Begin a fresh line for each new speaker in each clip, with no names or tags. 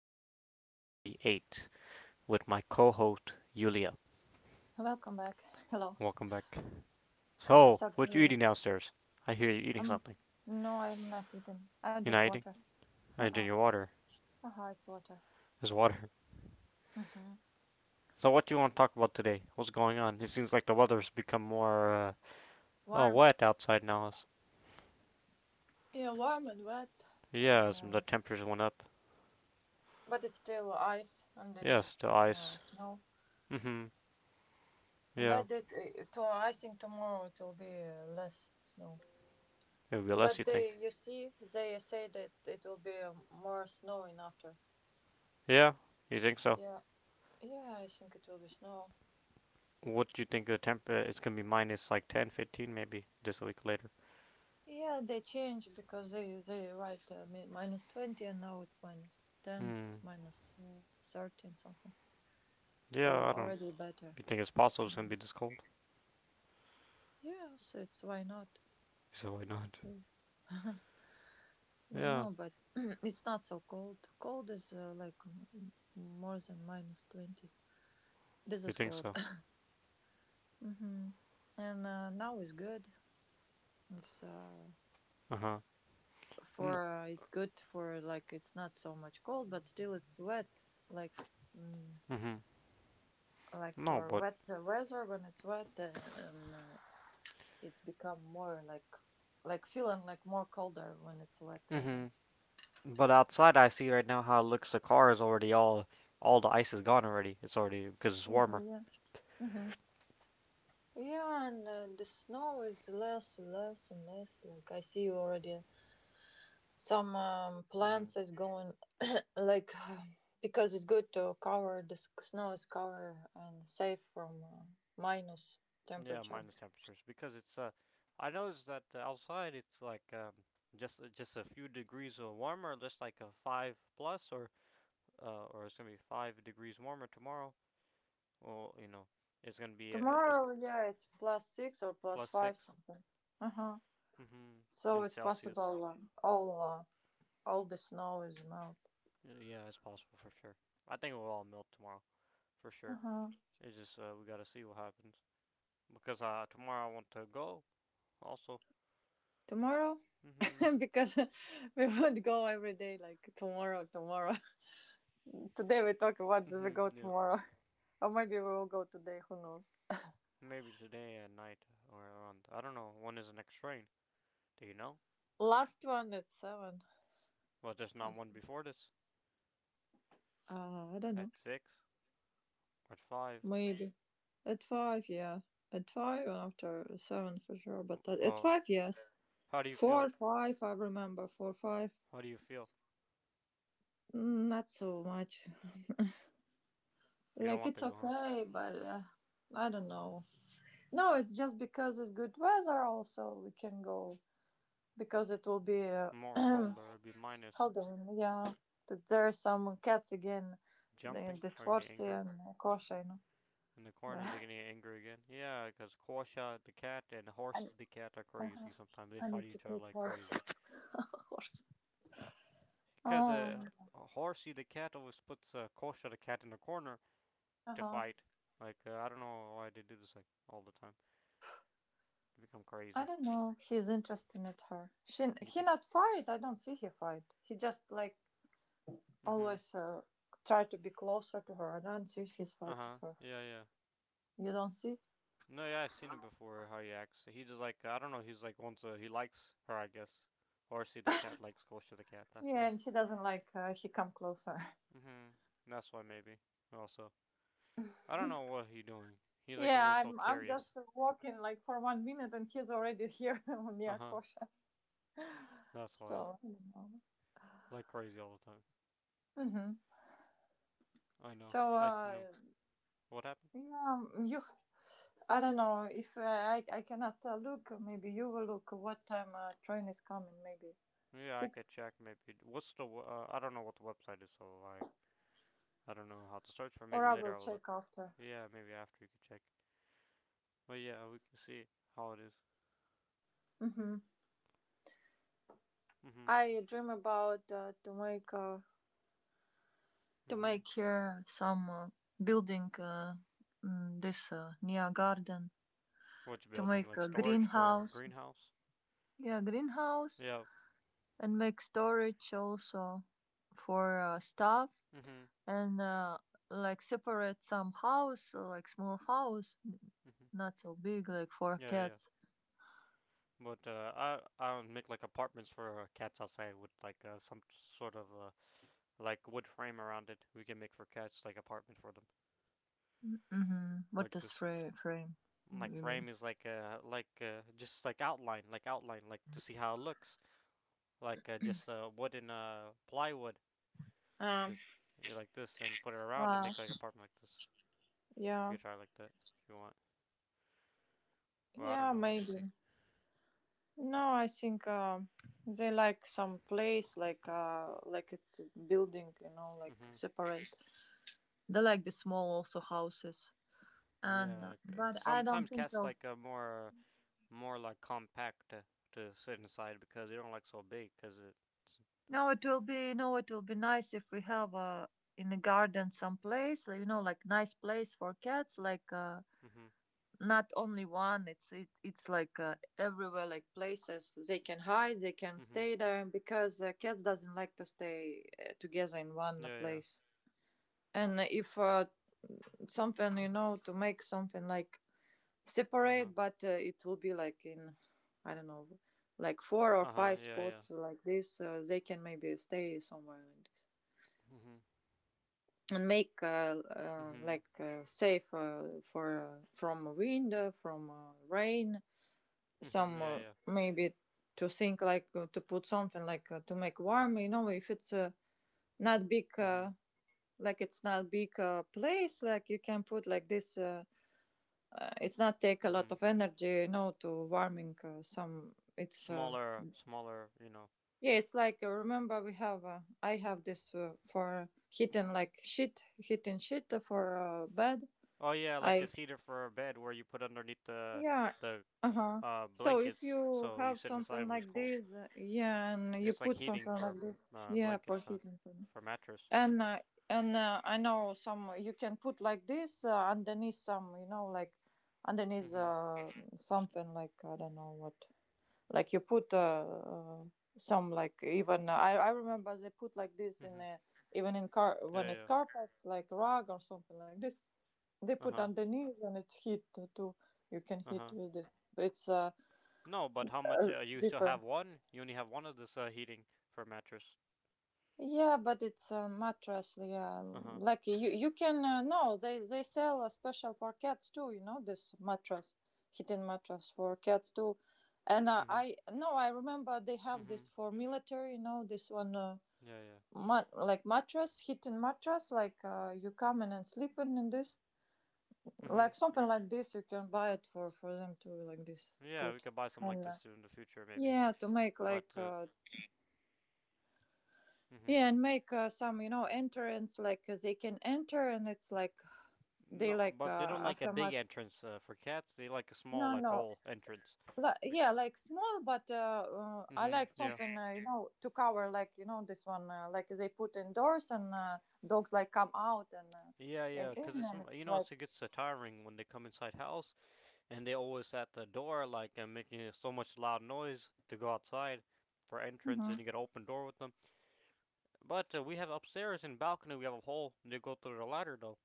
episode 38, with my co host, Yulia.
Welcome back. Hello.
Welcome back.
Ah,
So,
so
what you eating
great.
downstairs? I hear you eating
Um,
something.
no, I'm not eating. I
You're not
drink
eating?
water.
I drink
Uh-uh.
your water.
Haha, it's water.
It's water.
Mm-hmm.
So, what do you want to talk about today? What's going on? It seems like the weather's become more, oh,
Warm.
wet outside now.
Yeah, warm and wet.
Yeah,
And
as the temperatures went up.
but it's still ice
Yes,
underneath
the ice.
snow.
Mm hmm. Yeah.
But it, to I think tomorrow it will be less snow.
It'll be less,
But
you think?
they, you see, they say that it will be more snowing after.
Yeah, you think so?
Yeah, yeah, I think it will be snow.
What do you think the temp? It's gonna be minus like ten, 15, 15 maybe this week later.
Yeah, they change because they write minus 20, and now it's minus 10,
Hmm.
minus 30 and something.
Yeah,
So
I don't.
already better.
You think it's possible it's gonna be
Yes,
this cold?
yeah, so it's why not?
He said, why not?
Uh,
Yeah,
No, but it's not so cold. Cold is like more than minus 20. This
you
is
think
cold.
so?
Hmm. And now it's good. It's uh
Uh huh. No.
it's good for like it's not so much cold, but still it's wet. Like. Mm,
Mhm.
like
No,
for
but.
wet weather when it's wet and it's become more like feeling like more colder when it's wet weather.
Mhm. But outside, I see right now how it looks. The car is already all. All the ice is gone already. It's already because it's
Hmm.
warmer.
Yeah. Hmm. Yeah. And the snow is less less and less, like I see already some
Mhm.
plants is going like because it's good to cover the snow is cover and safe from minus
Yeah,
temperature.
minus temperatures because it's. I noticed that outside it's like just a few degrees warmer, just like a five plus, or it's gonna be 5 degrees warmer tomorrow. Well, you know, it's gonna be it's
Tomorrow, yeah, it's plus six or plus
plus
five
six
something. Uh-huh.
Hmm.
So
In
it's possible
Celsius.
all the snow is melt.
Yeah, it's possible for sure. I think it will all melt tomorrow for sure.
Uh-huh.
It's just we gotta see what happens because tomorrow I want to go also.
Tomorrow,
Hmm.
because we would go every day, like tomorrow, tomorrow. Today we talk about we
Hmm.
go
Yeah.
tomorrow, or maybe we will go today. Who knows?
Maybe today at night or around. I don't know. When is the next train? Do you know?
Last one at seven,
Well, there's not
I
one
think.
before this.
I don't know.
At six or at five.
Maybe at five, yeah. At five, and after seven for sure. But at
Well,
five, yes.
how do you feel?
Four, five, I remember. Four, five,
How do you feel?
not so much.
You don't
Like
want to
it's
go, huh?
okay, but I don't know. No, it's just because it's good weather. Also, we can go because it will be.
More cold or it'd be minus
Hold on, yeah. That there are some cats again. The
jumping
this
or getting
horse
angry.
and Kosha,
In the corner,
Yeah.
they're gonna get angry again. Yeah, because Quasha the cat and
I,
Horsey the cat are
uh-huh.
crazy. Sometimes they
I
fight
need to
each other
take
like
horse.
crazy.
Horse.
Because
Um.
Horsey the cat always puts Quasha the cat in the corner
Uh
to
huh.
fight. Like I don't know why they do this like all the time. They become
I
crazy.
don't know. He's interested at her. She
You
he
think? So?
not fight. I don't see he fight. He just like
Mhm.
always try to be closer to her. I don't see he's
Uh
fight with
huh.
her.
Yeah, yeah.
You don't see?
No, yeah, I've seen it before. How he acts. He just like I don't know. He's like wants he likes her, I guess. Horsey the cat likes Quasha the cat. That's
Yeah,
why.
and she doesn't like he come closer.
Mhm. That's why maybe. Also. I don't know what he's doing. He's like
Yeah,
always so
I'm just
curious.
walking like for 1 minute and he's already here
Uh
near
huh.
Kosha.
That's why.
So you know.
Like crazy all the time.
Hmm.
I know.
So
I seen him. What happened?
yeah, you. I don't know if I cannot look. Maybe you will look what time train is coming. Maybe
Yeah, I could
six,
check maybe. What's the? I don't know what the website is, so I don't know how to search for. It.
or
Maybe
I will
later I will
check
look.
after.
Yeah, maybe after you could check. But yeah, we can see how it is.
Hmm.
Mhm.
I dream about to
Mhm.
make here some building, this near garden
Which
to
building?
make
Like
a
storage for a
greenhouse.
greenhouse?
Yeah, greenhouse,
Yeah.
and make storage also for stuff
Mhm.
and like separate some house, like small house,
Mhm.
not so big, like for
Yeah, yeah.
cats.
But I would make like apartments for cats outside with like some sort of like wood frame around it. We can make for cats like apartment for them,
Mm-hmm. What
like
does
this.
frame
Like
you mean?
frame is like just like outline, like outline, like to see how it looks, like just wooden plywood,
Um,
this, yeah, like this, and put it around and
uh,
make like apartment like this. You
yeah,
could try like that if you want. Well, I don't
yeah,
know. We can
maybe.
see.
No, I think they like some place like it's a building, you know, like
Mm-hmm.
separate. They like the small also houses, and
Yeah. Like,
but I don't
sometimes
think
cats
so.
like more more like compact to sit inside because they don't like so big because it's.
No, it will be, no, it will be nice if we have in the garden some place, like, you know, like nice place for cats, like
Mm-hmm.
not only one. It's like everywhere, like places they can hide, they can
Mm-hmm.
stay there because cats doesn't like to stay together in one
Yeah. Yeah.
place. And if something, you know, to make something like
Uh huh.
separate, but it will be like in, I don't know, like four or
Uh huh.
five
Yeah. Yeah.
spots like this. They can maybe stay somewhere like this
Mhm.
and make
Mhm.
safe, for from wind, from rain.
Mhm.
Some
Yeah, yeah.
maybe to think like to put something like to make warm. You know, if it's not big.
Mhm.
Like it's not big place, like you can put like this it's not take a lot
Mhm.
of energy, no, to warming some it's
Smaller, smaller, you know.
yeah, it's like remember we have I have this for heating, like shit, heating shit for bed.
Oh yeah, like the
I
cedar for a bed where you put underneath
Yeah,
the
uh-huh, so if
blankets
you
so you
have
sit inside
something
when it's
like
cold.
this yeah, and you
It's like
put
heating
something
for
like this, yeah, for
blankets, huh?
heating thing.
For mattress.
And and I know some you can put like this underneath some, you know, like underneath
Mhm.
something, like I don't know what, like you put uh, some, like even I remember they put like this in
Mhm.
a, even in car
Yeah,
when
yeah.
it's
Yeah.
carpet like rug or something like this, they put
Uh-huh.
underneath and it's hit too, you can hit
Uh-huh.
with this. It's
No, but how much
uh
you still
different,
have one? You only have one of this heating for mattress.
yeah, but it's a mattress, yeah,
Uh-huh.
like you can no, they they sell a special for cats too, you know this mattress, hidden mattress for cats too. And
Mhm.
I, no, I remember they have this
Mhm.
for military, you know this one,
Yeah, yeah.
like mattress, hidden mattress, like you come in and sleep in this.
Mhm.
Like something like this, you can buy it for them to like this
Yeah, we
put.
could buy some like
And
this in the future maybe.
yeah, to make
But
like,
mhm.
yeah, and make some, you know, entrance, like they can enter and it's like, they
No,
like
but they don't like a big
aftermath.
entrance for cats. They like a small,
No,
like
no.
hole entrance.
Like,
Like,
yeah, like small, but I
Mm-hmm.
like
Yeah.
something, you know, to cover, like, you know, this one, like they put indoors and dogs like come out
Yeah, yeah,
and
because
in
it's
and
you
it's
know
like.
it's, it gets so tiring when they come inside house and they always at the door like making so much loud noise to go outside for entrance
Mhm.
and you get open door with them. But we have upstairs in balcony we have a hole. And They go through the ladder though.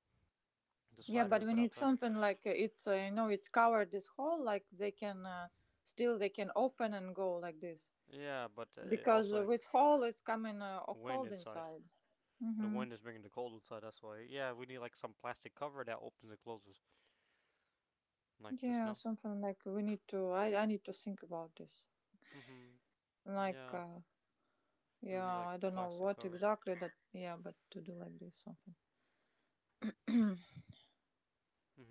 The
Yeah,
ladder
but
we
when
put
it's
outside.
something like it's you know it's covered this hole, like they can still they can open and go like this
Yeah, but it
because
also like,
with hole it's coming all
wind
cold
inside.
inside.
The
Mm-hmm.
wind is bringing the cold inside. That's why. Yeah, we need like some plastic cover that opens and closes. Like the
Yeah,
snow?
something like we need to. I need to think about this.
Mm-hmm.
Like
Yeah. We
yeah,
would need like
I don't know
plastic
what
cover.
exactly that. Yeah, but to do like this something.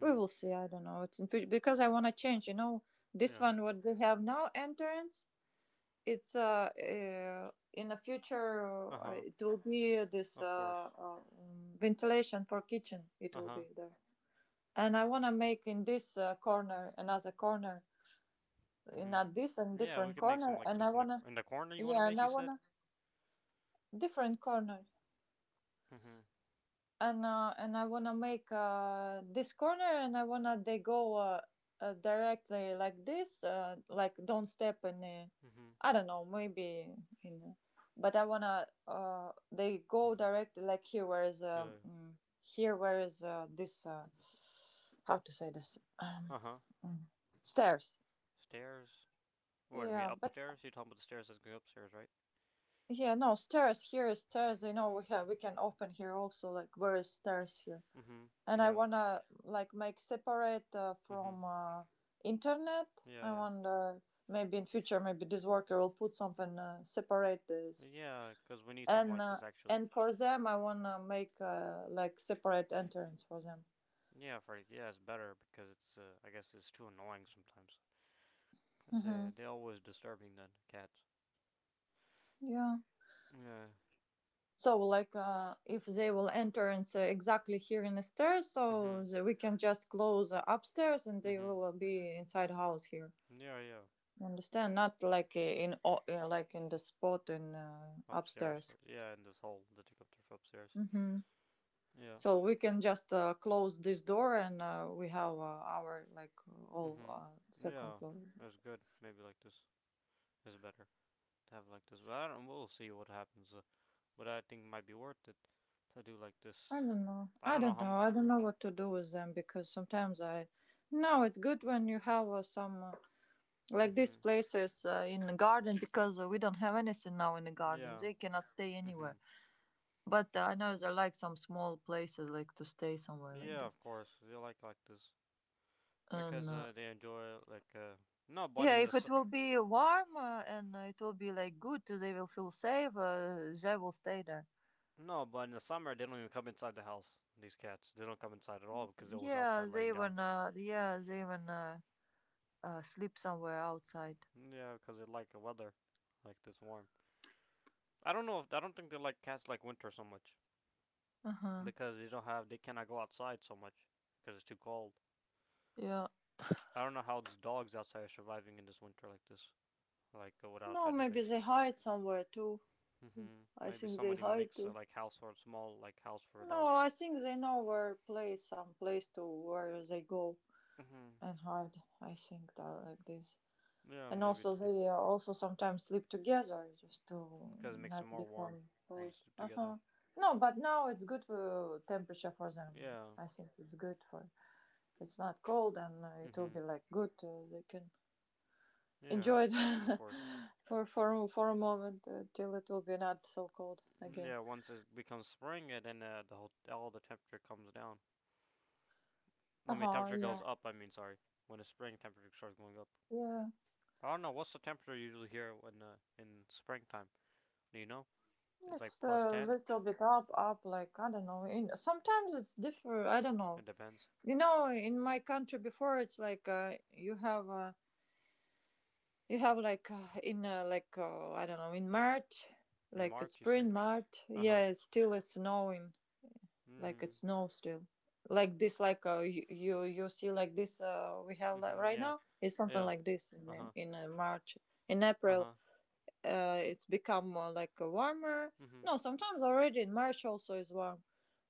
We will see. I don't know. It's in, because I want to change. You know, this
Yeah.
one what they have now entrance. It's in the future
Uh-huh.
it will be this
Of course.
ventilation for kitchen. It will
Uh-huh.
be there, and I wanna make in this corner, another corner, in a this and
Mm-hmm. Yeah, we
different
could make some
corner,
like
and I
this in the
wanna.
cor- in the corner you want to
Yeah, and
make, you
I
said?
wanna different corner,
Mm-hmm.
and I wanna make this corner, and I wanna they go directly like this, like don't step in.
Mm-hmm.
I don't know, maybe in, but I wanna they go directly like here, where is
Yeah. Yeah.
here, where is this? How to say this?
Uh-huh.
Mm, stairs.
Stairs. What, do you mean
Yeah, but
upstairs? You're talking about the stairs that go upstairs, right?
yeah, no stairs. Here is stairs. You know, we have we can open here also. Like where is stairs here?
Mm-hmm.
And I
Yeah.
wanna like make separate
Mm-hmm.
from internet.
Yeah,
I
yeah.
want maybe in future, maybe this worker will put something separate this.
Yeah. Cause we need something
And
like this actually.
and for them I wanna make like separate entrance for them.
Yeah, Freddy. Yeah, it's better because it's, I guess it's too annoying sometimes. Cause they,
Hmm.
they're always disturbing then, cats.
Yeah.
Yeah.
So like if they will enter and say exactly here in the stairs,
Mm-hmm.
so the, we can just close upstairs and they
Mm-hmm.
will be inside house here.
Yeah, yeah.
You understand? Not like like in the spot in
Upstairs.
upstairs.
Yeah, in this hall that you come through from upstairs.
Hmm.
Yeah.
So we can just close this door, and we have our, like, all
Mm-hmm.
second
Yeah.
floor.
That's good. Maybe like this is better to have like this. But I don't, we'll see what happens. But I think it might be worth it to do like
I
this.
don't know.
I
I
don't know
don't
how.
know.
M-
I don't know what to do with them because sometimes I. No, it's good when you have some like these
mm-hmm.
places in the garden because we don't have anything now in the garden.
Yeah.
They cannot stay
Mm-hmm.
anywhere. But I know there are like some small places, like to stay somewhere like
Yeah,
this.
of course. They like this
And
because they enjoy like no, but
yeah,
in the
if it
su-
will be warm and it will be like good, they will feel safe. They will stay there.
no, but in the summer they don't even come inside the house. These cats, they don't come inside at all because they're always
Yeah,
outside
they
laying down.
even yeah, they even sleep somewhere outside.
Yeah, because they like the weather, like this warm. I don't know if I don't think they like cats like winter so much
Uh huh.
because they don't have they cannot go outside so much because it's too cold.
Yeah.
I don't know how these dogs outside are surviving in this winter like this, like without
No, maybe
anything.
they hide somewhere too.
Hmm.
I
Maybe
think they
somebody
hide
makes
too.
like house for small like house for
No,
dogs.
I think they know where place, some place to where they go
Hmm.
and hide. I think that like this.
Yeah,
And
maybe
also
they do
they also sometimes sleep together just to
because it makes them
not
more warm
become
when
cold.
they sleep
Uh
together.
huh. No, but now it's good for temperature for them.
Yeah.
I think it's good for it's not cold, and it will
Hmm.
be like good. They can
Yeah,
enjoy it.
of course.
For for a moment till it will be not so cold again.
Yeah, once it becomes spring, and then the whole all the temperature comes down. I
Uh
mean,
huh.
temperature goes
Yeah.
up. I mean, sorry, when the spring temperature starts going up.
Yeah.
I don't know what's the temperature usually here when in springtime. Do you know? It's like
It's
plus
a
ten.
little bit up, up. Like I don't know. In sometimes it's different. I don't
It
know.
depends.
You know, in my country before, it's like you have like in like I don't know, in March,
In
like it's
March, you said.
spring March.
Uh huh.
Yeah, it's still it's snowing. Like it
Mhm.
snows still. Like this, like you see like this. We have like,
Mhm.
right
Yeah.
now. It's something
Yeah.
like this in
Uh huh.
March, in
Uh
April
huh.
it's become warmer.
Mhm.
No, sometimes already in March also is warm,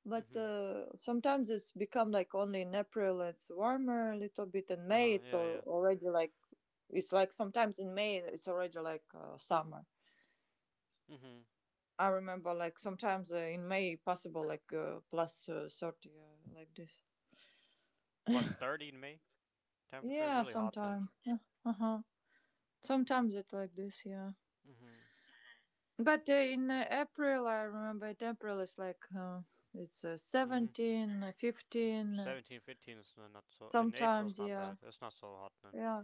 but
Mhm.
uh, sometimes it's become like only in April it's warmer a little bit. In
Uh
May
huh.
it's
Yeah.
al-
Yeah.
already like it's like sometimes in May it's already like summer.
Mhm.
I remember like sometimes in May possible like plus 30, like this.
Plus 30 in May. Temperature is
Yeah,
really hot then.
sometimes. Yeah. Uh huh. Sometimes it like this. Yeah.
Mhm.
But in April, I remember it, April is like it's
Mhm.
17, 15,
17, 15 is not so. In April, it's
sometimes,
not bad.
yeah,
It's not so hot then.
yeah.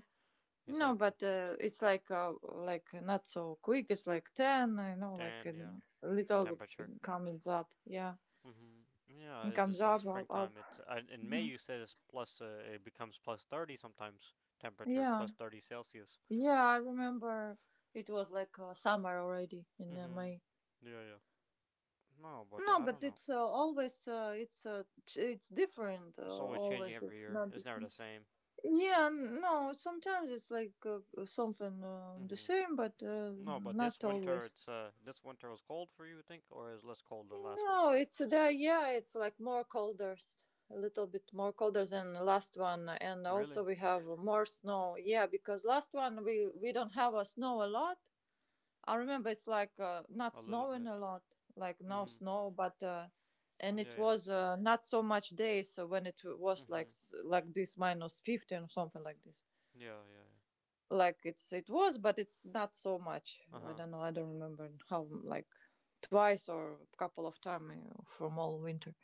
It's
No,
like
but it's like not so quick. It's like 10, like
10. Yeah.
a little
Temperature.
comes up, yeah.
Hmm. Yeah,
It
it's
comes
just in
up, up, up.
springtime. It's in May.
Mhm.
You said it's plus. It becomes plus 30 sometimes. Temperature
Yeah,
plus 30 Celsius.
yeah, I remember it was like summer already in
Hmm.
May.
Yeah, yeah. No, but
No,
I
but
don't know.
it's always it's different.
It's always changing
Always,
every
it's
year.
not the
It's never
same.
the same.
Yeah, no, sometimes it's like something the
Hmm.
same, but
No, but this
not
winter,
always.
it's this winter was cold for you, you think, or is less cold than last one?
No, it's the, yeah, it's like more colder, a little bit more colder than the last one, and
Really?
also we have more snow. Yeah, because last one we don't have a snow a lot. I remember it's like not
A little
snowing
bit.
a lot, like no
Hmm.
snow, but and it
Yeah, yeah.
was not so much days when it was like
Hmm.
like this minus 15 or something like this.
Yeah, yeah, yeah.
Like it was, but it's not so much.
Uh
i
huh.
don't know i don't remember how, like twice or a couple of times from all winter.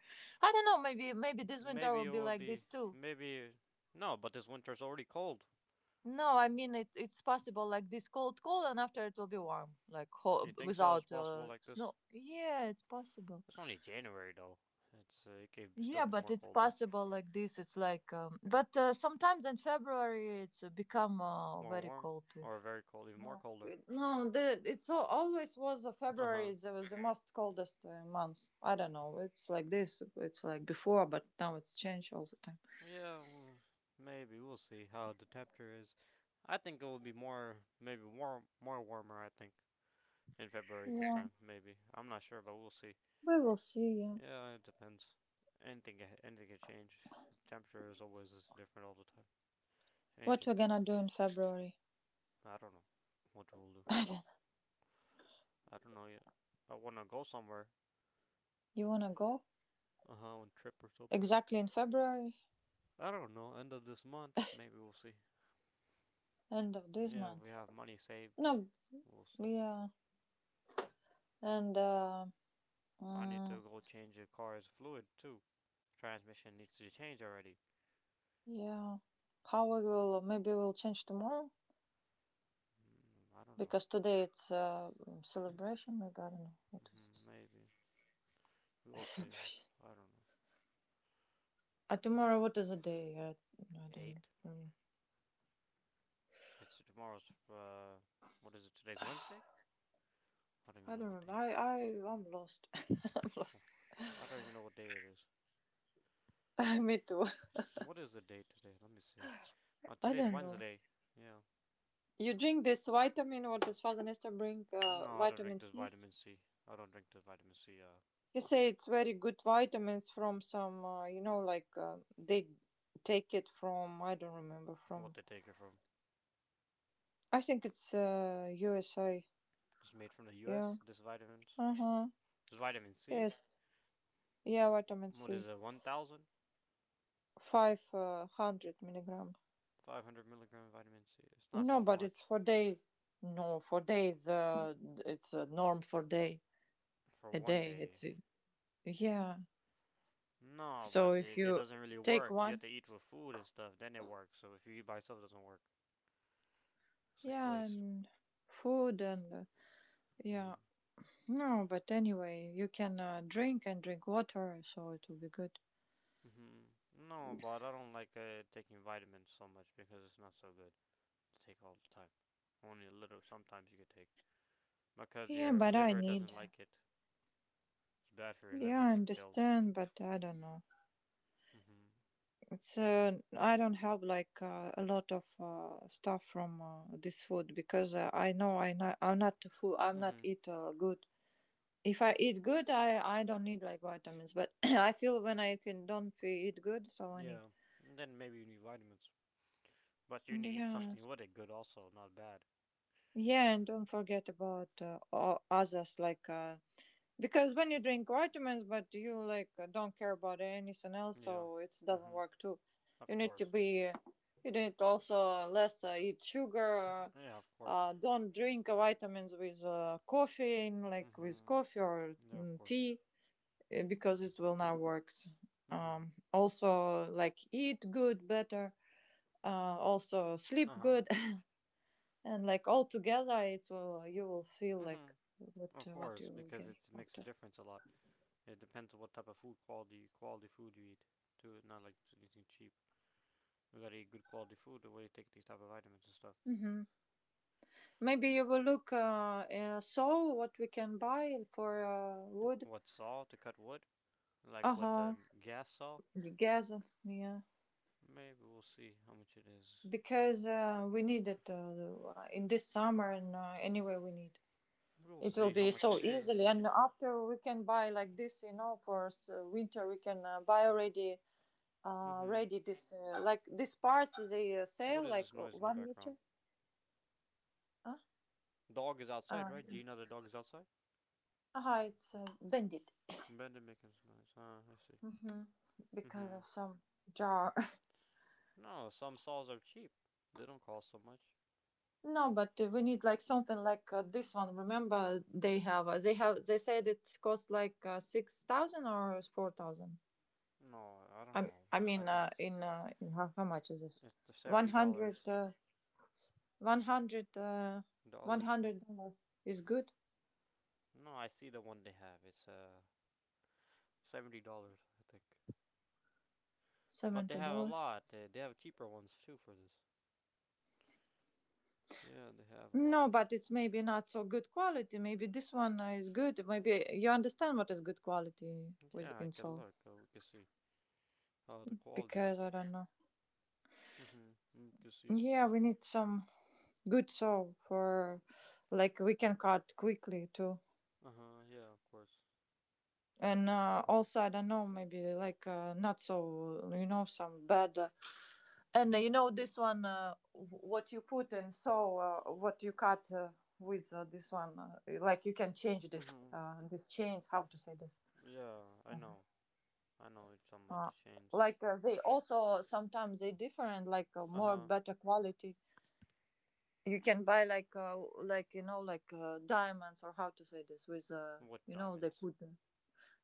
I don't know. Maybe this winter
Maybe
will
it
be
will
like
be.
this too.
Maybe. No, but this winter's already cold.
No, I mean it. It's possible like this cold, cold, and after it will be warm, like
You think so? It's
without
possible like this.
snow. Yeah, it's possible.
It's only January though. It's it could still
Yeah,
be
but
more
it's
colder,
possible like this. It's like, but sometimes in February it's become
more
very
warm,
cold too.
or very cold, even more
No,
colder.
no, the it's al always was a
Uh
February
huh.
is was the most coldest month. I don't know. It's like this. It's like before, but now it's changed all the time.
Yeah, well, maybe we'll see how the temperature is. I think it will be more, maybe warm, more warmer. I think in February this
Yeah,
time, maybe. I'm not sure, but we'll see.
we will see. Yeah,
Yeah, it depends. Anything, anything can change. Temperature is always different all the time,
what
changing.
we're gonna do in February?
I don't know what we'll do.
I don't know.
I don't know yet. I wanna go somewhere.
You wanna go?
Uh huh, on a trip or something.
Exactly in February,
I don't know. End of this month, maybe we'll see.
end of this
Yeah, if
month.
we have money saved,
No,
we'll see.
yeah, and
I need
mm,
to go change the car's fluid too. Transmission needs to change already.
yeah, how we will? Maybe we'll change tomorrow
I don't know.
because today it's celebration. Maybe I don't know what is.
Mhm, maybe we'll see.
Celebration.
I don't know.
Tomorrow, what is the day? I don't
Eight.
remember.
It's tomorrow's. What is it? Today's Wednesday. I don't even
I
know
don't
what day.
remember.
It is.
I'm lost.
Of course. I don't even know what day it is.
Me too.
What is the date today? Let me see.
I
Today's
don't know.
Wednesday. Yeah.
You drink this vitamin, what does Father Nestor bring?
No, I don't drink
Vitamin
this
C.
vitamin C. I don't drink this vitamin C.
He say it's very good vitamins from some, like they take it from, I don't remember,
What
from,
they take it from.
I think it's USA.
This is made from the
Yeah.
U.S. This vitamins,
Uh huh.
this vitamin C.
Yes. Yeah, vitamin
What is
C.
it? One thousand
500 milligram.
five hundred milligram vitamin C. It's not so
No, but it's
much
for days. No, for days. It's a norm for day.
for
A
one
day.
day.
It's yeah.
No,
So
but
if
it
you
doesn't really
take
work. You have
one,
to eat with food and stuff. Then it works. So if you eat by itself, it doesn't work. It's like
yeah,
waste.
and food and yeah.
Mm-hmm.
No, but anyway, you can drink and drink water, so it will be good.
Mm-hmm. No, but I don't like taking vitamins so much because it's not so good to take all the time. Only a little. Sometimes you could take because
Yeah,
your
but I
liver
need.
doesn't like it. It's bad for your
Yeah,
liver to
I
take pills.
understand, but I don't know.
Mm-hmm.
It's I don't have like a lot of stuff from this food because I know I'm not food. I'm not
Mm-hmm.
eat good. If I eat good, I don't need like vitamins, but I feel, when I feel don't feel eat good, so I need.
Yeah. And then maybe you need vitamins. But you need to eat
Yeah,
something with it good also, not bad.
yeah, and don't forget about others like because when you drink vitamins, but you like don't care about anything else,
Yeah.
so it doesn't
Mhm.
work too.
Of
You need to
course.
be, uh, you need also less eat sugar.
Yeah, of course.
Don't drink vitamins with coffee, like with
Mhm.
coffee or
Yeah, of course.
tea, because it will not work.
Mhm.
Also, like eat good, better. Also sleep
Uh-huh.
good, and like all together, it will you will feel like
Mhm.
what
Of
what
course,
you will
because
get
it makes a
after.
difference a lot. It depends on what type of food quality food you eat. Too, not like just eating cheap. You gotta eat good quality food the way you take these type of vitamins and stuff.
Hmm. Maybe
You-
you will look saw what we can buy for wood.
What saw to cut wood? Like
Uh
what
huh.
gas saw?
Gas. Yeah,
Maybe we'll see how much it is.
because we need it in this summer, and anyway we need.
We'll
It will
see how
be
much
so
it is.
easily, and after we can buy like this, for winter we can buy already,
Mm-hmm.
ready this like these parts they
What
sale
is
like
this noise in the
1 meter.
background?
Huh?
Dog is outside,
Uh,
right? Gina, the dog is outside?
it's bended,
Brandon making this noise. Huh? I see.
hmm because
Mm-hmm.
of some jar.
No, some saws are cheap. They don't cost so much.
No, but we need like something like this one. Remember, they said it cost like 6,000 or 4,000.
No, I don't
I
know.
I
I
mean,
think
uh,
it's,
in how much is this?
it's the
One
seventy
hundred.
dollars.
100
Dollars for
$100 is good.
no, I see the one they have. It's $70, I think. But they
70
have a
dollars
lot. They have cheaper ones too for this. Yeah, they have a lot.
No, but it's maybe not so good quality. Maybe this one is good. Maybe you understand what is good quality with
Yeah, I
in
can
soul,
look. We can see how the quality
because
is.
I don't know.
Mhm. You can see.
Yeah, we need some good soul for, like we can cut quickly too.
Uh huh. Yeah, of course.
And also I don't know, maybe like not so, some bad And you know this one, what you put, and so what you cut with this one, like you can change
Mhm.
this chains. How to say this?
Yeah, I
Uh-huh.
know. I know it's somebody
Uh,
changed.
like they also sometimes they different, like
Uh
more
huh.
better quality. You can buy like diamonds, or how to say this with
What
you know they
diamonds?
put them.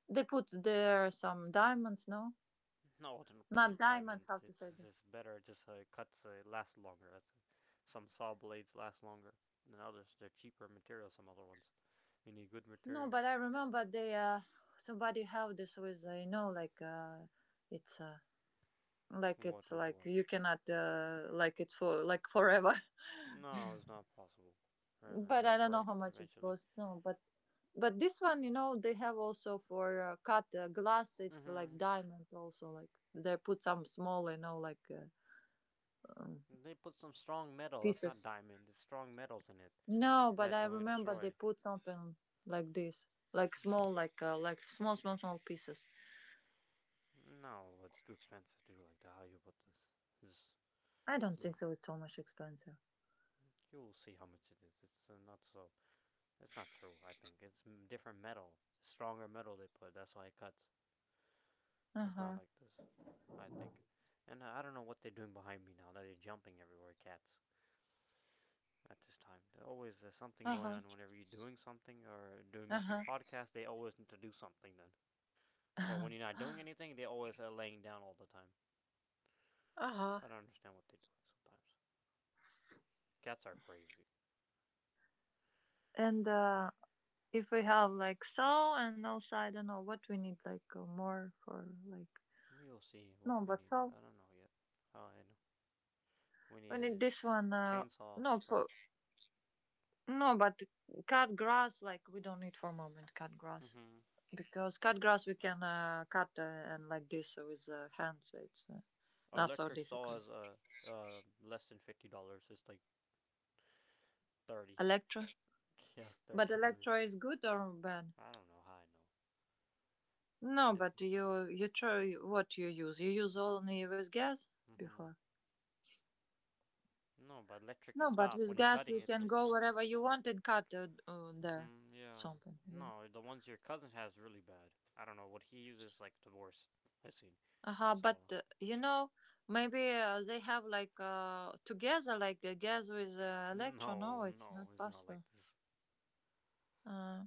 They put there some diamonds, no,
No, I don't play
not diamonds. How
diamonds.
to say
It's
this?
just better. It just cuts last longer. That's some saw blades last longer than others. They're cheaper material. Some other ones. You need good
No,
material.
but I remember they somebody helped us with you know like it's like
What?
it's
What?
like
What?
you cannot like it's for like forever.
No, it's not possible. Forever,
But
it'll
I don't know
break
how much it
eventually.
costs. No, but this one, you know they have also for cut glass. It's
Mm-hmm.
like diamond also, like they put some small um,
They put some strong metal. It's not
pieces.
diamond. It's strong metals in it
No, but
that
I
don't
remember they
destroy.
put something like this, like small like small pieces.
No, it's too expensive to do like that. How you put this? This
I don't
is not.
think so. It's so much expensive.
You will see how much it is. It's not so. It's not true. I think it's m- Different metal, stronger metal they put. That's why it cuts. It's not
Uh-huh.
like this. I think, and I don't know what they're doing behind me now. That they're jumping everywhere, cats. At this time, there's something going
Uh-huh.
on. Whenever you're doing something or doing making
Uh-huh.
podcasts, they always need to do something then. But
Uh-huh.
when you're not doing anything, they always are laying down all the time.
Uh-huh.
I don't understand what they're doing sometimes. Cats are crazy.
And if we have like, so, and also I don't know what we need like more for like.
We'll see what
No,
we
but
need.
so
I don't know yet. Oh, I know. We
we need
need
this one
chainsaw
no, for,
first.
no, but cut grass, like we don't need for a moment cut grass,
Mm-hmm.
because cut grass we can cut and like this with hands it's not so
Electric saw
difficult.
is less than $50. It's like 30
Electro,
dollars. Yeah, it's thirty
but
dollars.
electro is good or bad?
I don't know how I know.
No,
It's,
but
it's
you try what you use. You use only with gas
mm-hmm.
before.
No, but electric is
No, but
stop
with
when you're
gas
cutting
you
it.
can
It's
go
cheap.
wherever you want and cut there
Mm-hmm. Yeah.
something. Yeah.
No, the ones your cousin has really bad. I don't know what he uses like the worst I've seen.
Uh-huh, but
So
uh, you know maybe they have like together like gas with electron. No, it's not
no, it's not like
possible.
this
Uh,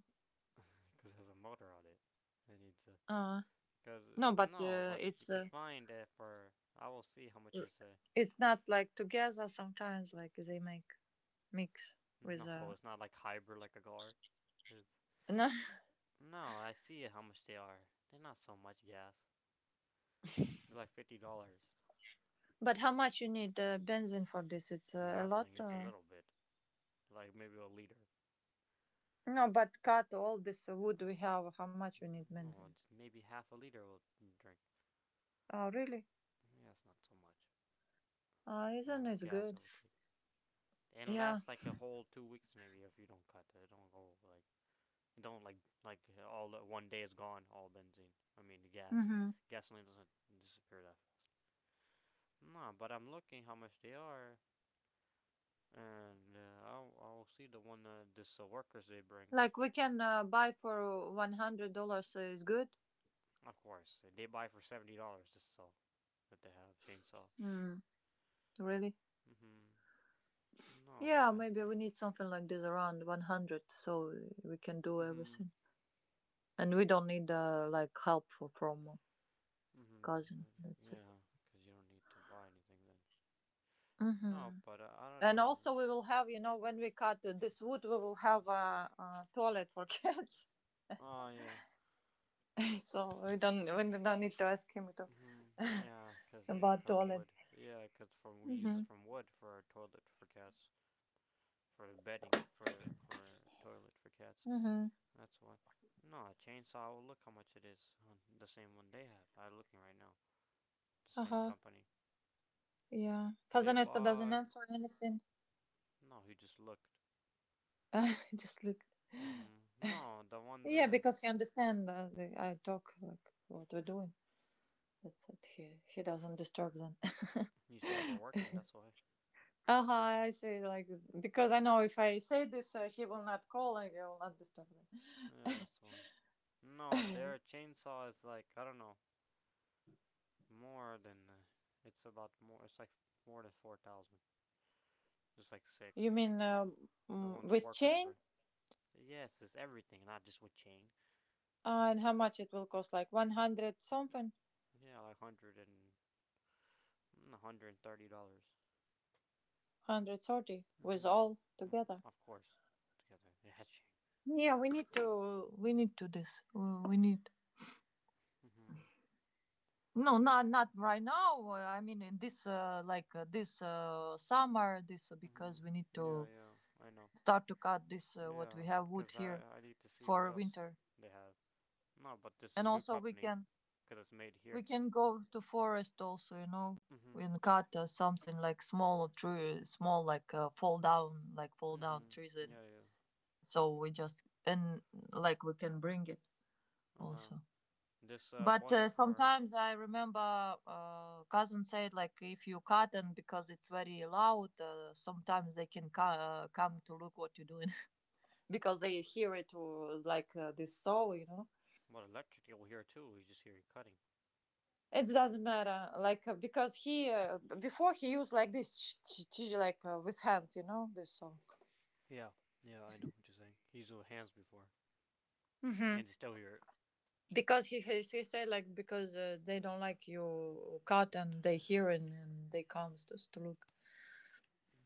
because it has a motor on it. I need to.
uh no, but
No,
uh,
but you
it's
can find it for. I will see how much
i-
is a.
it's not like together. Sometimes like they make mix with
No, it's not like hybrid like a car. It's
No,
No, I see how much they are. They're not so much gas. They're like $50.
but how much you need benzene for this? It's
I'm
a
not
lot.
saying it's a little bit. Like maybe a liter.
No, but cut all this wood we have. How much we need
No,
benzene?
just maybe half a liter will drink.
Oh, really?
Yeah, it's not so much.
Oh, isn't it
Gas it
good?
will take, and
Yeah.
last like a whole 2 weeks maybe if you don't cut it. It don't go like Don't like all the- One day is gone. All benzene. I mean the gas.
Mm-hmm.
Gasoline doesn't disappear that fast. Nah, but I'm looking how much they are, and I'll see the one this workers they bring.
Like we can buy for $100 is good.
Of course, they buy for $70 this saw that they have chainsaw.
Mm, really?
Mm-hmm. No, but
Yeah,
I.
maybe we need something like this around 100, so we can do
Mm-hmm.
everything, and we don't need like help for, from
Mm-hmm.
cousin. That's it.
Yeah, cause you don't need to buy anything then.
Mm-hmm.
No, but I don't
And
know.
also, we will have, when we cut this wood, we will have a toilet for kids.
Oh yeah.
So we don't need to ask him to,
Mm-hmm. Yeah, 'cause they
about
cut
toilet.
wood. Yeah, 'cause from we use it
Mm-hmm.
from wood for our toilet for cats, for the bedding for toilet for cats.
Mm-hmm.
That's why. No, a chainsaw. Well, look how much it is on the same one they have. I'm looking right now. The same
Uh-huh.
company.
Yeah.
They
Pazanesto doesn't
bought.
answer anything.
No, he just looked.
Just look.
Mm-hmm. No, the one
Yeah,
that
because he understands I talk like what we're doing. That's it. He doesn't disturb them.
You said we're working. That's why.
Uh-huh. I say like because I know if I say this, he will not call and he will not disturb
Yeah, that's why. No,
them.
their chainsaw is like I don't know more than. It's about more. It's like more than 4,000. Just like
You
six.
mean
The ones the
with
workers
chain?
bring. Yes, it's everything, not just with chain.
Ah, and how much it will cost? Like 100 something?
Yeah, like $130.
130 with all
Mm-hmm.
together?
Mm-hmm. Of course, together. Yeah, chain.
Yeah, we need to this. We need,
Mm-hmm.
no, not right now. I mean, in this this summer, this because we need
Mm-hmm. Yeah,
to
yeah, I know.
start to cut this what we
Yeah,
have wood
because I
here
I need to see what
for
else
winter,
they have. No, but this
and
is good
also we
company
can
because it's made
we
here.
can go to forest also.
Mm-hmm.
We can cut something like small tree, small like fall down like fall down trees,
Mm-hmm.
and
Yeah, yeah.
so we just and like we can bring it
Uh-huh.
also.
This
But
one for
sometimes I remember cousin said, like, if you cut, and because it's very loud, sometimes they can come to look what you're doing. Because they hear it, this saw.
What electric you'll hear too. You just hear you cutting.
It doesn't matter, like, because he, before, he used like this, with hands, this saw.
Yeah. Yeah, I know what you're saying. He's with hands before,
Hmm.
and you still here.
Because he said, like, because they don't like your cut and they hear, and they comes to look.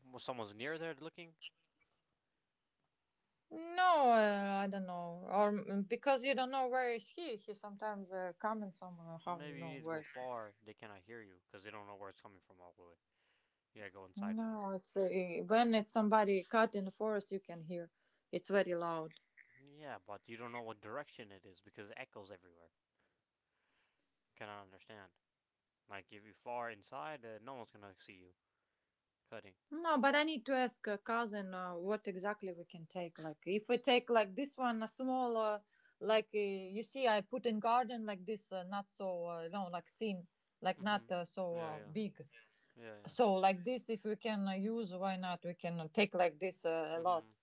Well, someone's near there looking,
No, I don't know, or because you don't know where is he. He sometimes comment somewhere, how you
maybe you
know
need to
where.
go
is he.
far. They cannot hear you because they don't know where it's coming from all the way. You gotta go inside more.
No, it's when it's somebody cut in the forest, you can hear. It's very loud.
Yeah, but you don't know what direction it is because it echoes everywhere. You cannot understand. Like if you far inside, no one's gonna see you cutting.
No, but I need to ask a cousin what exactly we can take. Like, if we take like this one, a small, you see, I put in garden like this, not so no, like thin, like not
Mm-hmm.
so
Yeah, yeah,
big.
yeah, yeah.
So like this, if we can use, why not? We can take like this a
Mm-hmm.
lot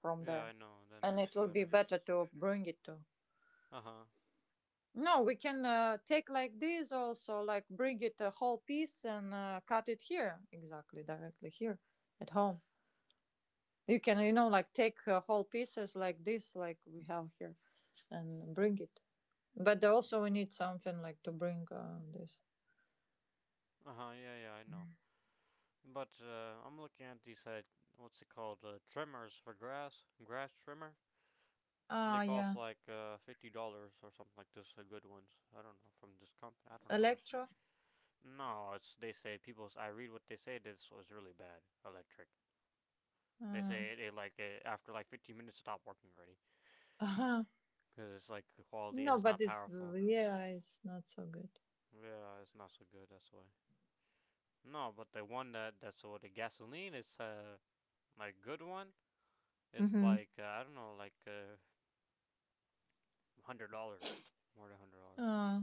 from
Yeah, I
there,
know. Then
and
it's
it will be
better.
better to bring it to.
Uh huh.
No, we can take like this also, like bring it a whole piece and cut it here exactly, directly here at home. You can, you know, like take whole pieces like this, like we have here, and bring it. But also we need something like to bring this.
Uh huh. Yeah, yeah, I know. But I'm looking at these what's it called? Trimmers for grass, grass trimmer. And they
Ah,
cost
yeah,
like $50 or something like this. The good ones. I don't know from this company. I don't know how much.
electro.
No, it's they say people. I read what they say. This was really bad. Electric. They
Uh,
say after like 15 minutes stopped working already
uh
because it's like quality.
No,
It's not
but it's,
powerful.
yeah, it's not so good.
Yeah, it's not so good. That's why. No, but the one that that's what the gasoline is like good one. It's
Mm-hmm.
like I don't know like $100, more than $100.
Uh,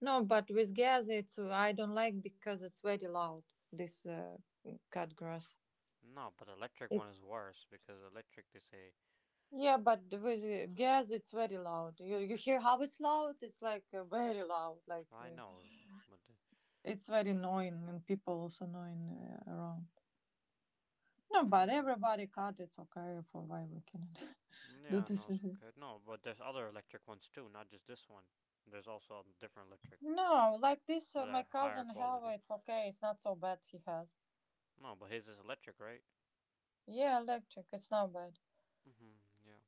no, but with gas, it's, I don't like, because it's very loud. This, cut grass.
No, but the electric one is
It's,
worse because electric they say
yeah, but with gas, it's very loud. You hear how it's loud? It's like very loud, like.
I knows, but
It's very annoying, and people also annoying around. No, but
mm-hmm.
everybody cut. It's okay, for why we cannot do
Yeah,
this
no, it's
with it.
okay. No, but there's other electric ones too, not just this one. There's also a different electric,
No, like this,
but
my
they're higher
cousin have.
quality.
It's okay. It's not so bad. He has.
No, but his is electric, right?
Yeah, electric. It's not bad.
Mm-hmm. Yeah,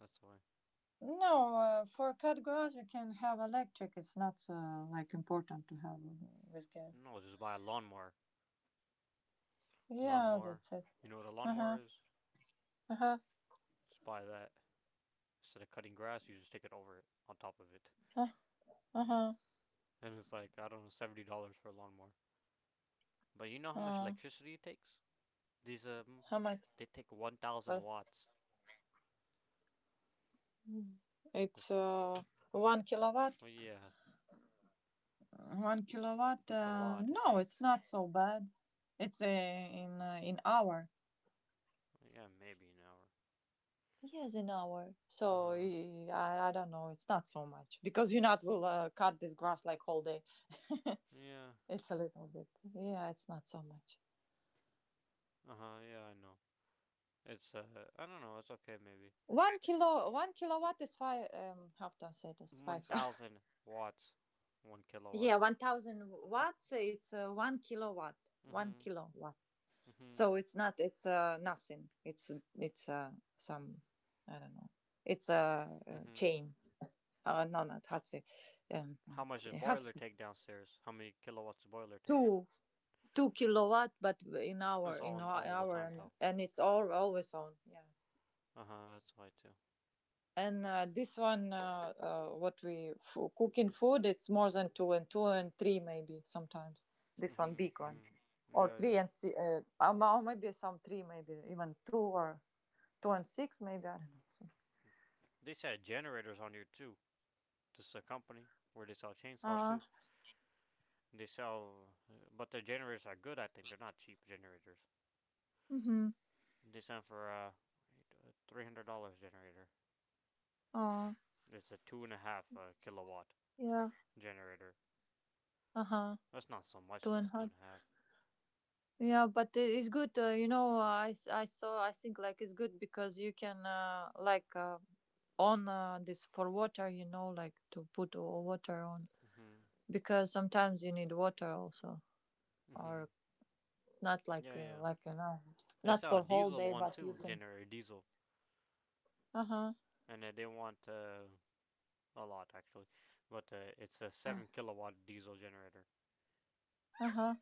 that's why.
No, for cut grass we can have electric. It's not, like, important to have with gas.
No, just buy a lawnmower.
Yeah,
Lawnmower.
that's it.
You know what a
Uh
lawnmower
huh.
is?
Uh huh.
Just buy that. Instead of cutting grass, you just take it over it, on top of it,
Uh huh.
and it's like I don't know, $70 for a lawnmower. But you know how much
Uh,
electricity it takes? These
how much?
they take one
Uh,
thousand watts.
it's
It's,
one kilowatt.
well, yeah,
One kilowatt?
that's a lot it
No, it's
takes.
not so bad. It's in hour.
Yeah, maybe an hour.
Yes, an hour.
Uh
So
huh.
I don't know. It's not so much because you not will cut this grass like whole day.
Yeah.
It's a little bit. Yeah, it's not so much.
Uh huh. Yeah, I know. It's I don't know. It's okay, maybe.
One kilowatt is five. How to say this?
One
Five.
thousand watts, one kilowatt.
Yeah, 1,000 watts. It's one kilowatt. One
Mhm.
kilowatt.
Mhm.
So it's nothing. It's some, I don't know. It's
Mhm.
chains. No, not how to say, um
How much does
how to
boiler
say,
take downstairs? How many kilowatts does boiler take?
two two kilowatt, but in hour,
It's on all the
hour,
time
and
though.
and it's all, always on, yeah.
Uh huh. That's why too.
And this one, what we for cooking food, it's more than two and two and three maybe, sometimes this one
Mhm.
big one,
Mhm.
or
Yeah,
three
yeah.
and or maybe some three, maybe even two or two and six maybe, I don't know. So.
They sell generators on here too. This is a company where they sell chainsaw too.
Ah,
They sell, but the generators are good. I think they're not cheap generators.
mhm.
Decent for a $300 generator.
Oh,
It's a 2.5 kilowatt
yeah.
generator.
Uh-huh.
That's not so
Two
much
and
though.
half.
2.5.
Yeah, but it's good. You know, I saw. I think, like, it's good because you can on this for water. You know, like to put water on,
Mhm.
because sometimes you need water also,
Mhm.
or not like,
Yeah, yeah. They
not
sell
for
a
whole
diesel
day,
one
but you
too,
can.
generator diesel,
Uh huh.
and they want a lot actually, but it's a 7 kilowatt diesel generator.
Uh huh.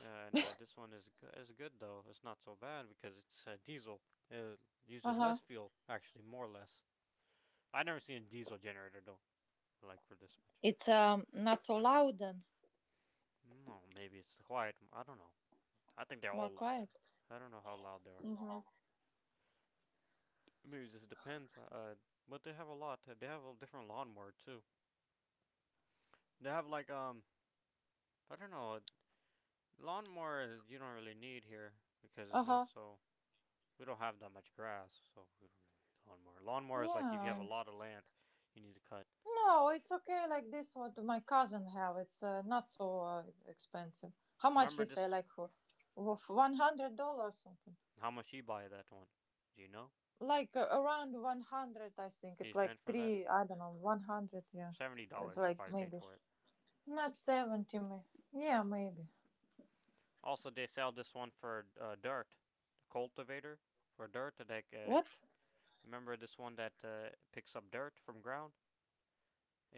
And this one is go- is good though. It's not so bad because it's diesel. It
Uh
uses
huh.
less fuel actually, more or less. I never seen a diesel generator though, like for this one.
It's not so loud, and
No, maybe it's the quiet. I don't know. I think they're all
more
loud.
quiet.
I don't know how loud they are.
Mm-hmm.
Maybe it just depends. But they have a lot. They have a different lawnmower too. They have like I don't know. Lawnmower you don't really need here because
Uh
it's
huh.
not so. We don't have that much grass, so we don't really need lawnmower. Lawnmower is like if you have
Yeah.
a lot of land, you need to cut.
No, it's okay like this. What my cousin have? It's not so expensive. How much
Remember
he say?
just
Like for $100 something.
how much he buy that one? Do you know?
Like around 100, I think.
He
It's
spent
like
for that
three, I don't know. 100. Yeah.
seventy
It's
dollars. He's
like
probably paid
maybe
for it.
not 70. May Yeah, maybe.
Also, they sell this one for dirt, the cultivator for dirt.
What?
Remember this one that picks up dirt from ground.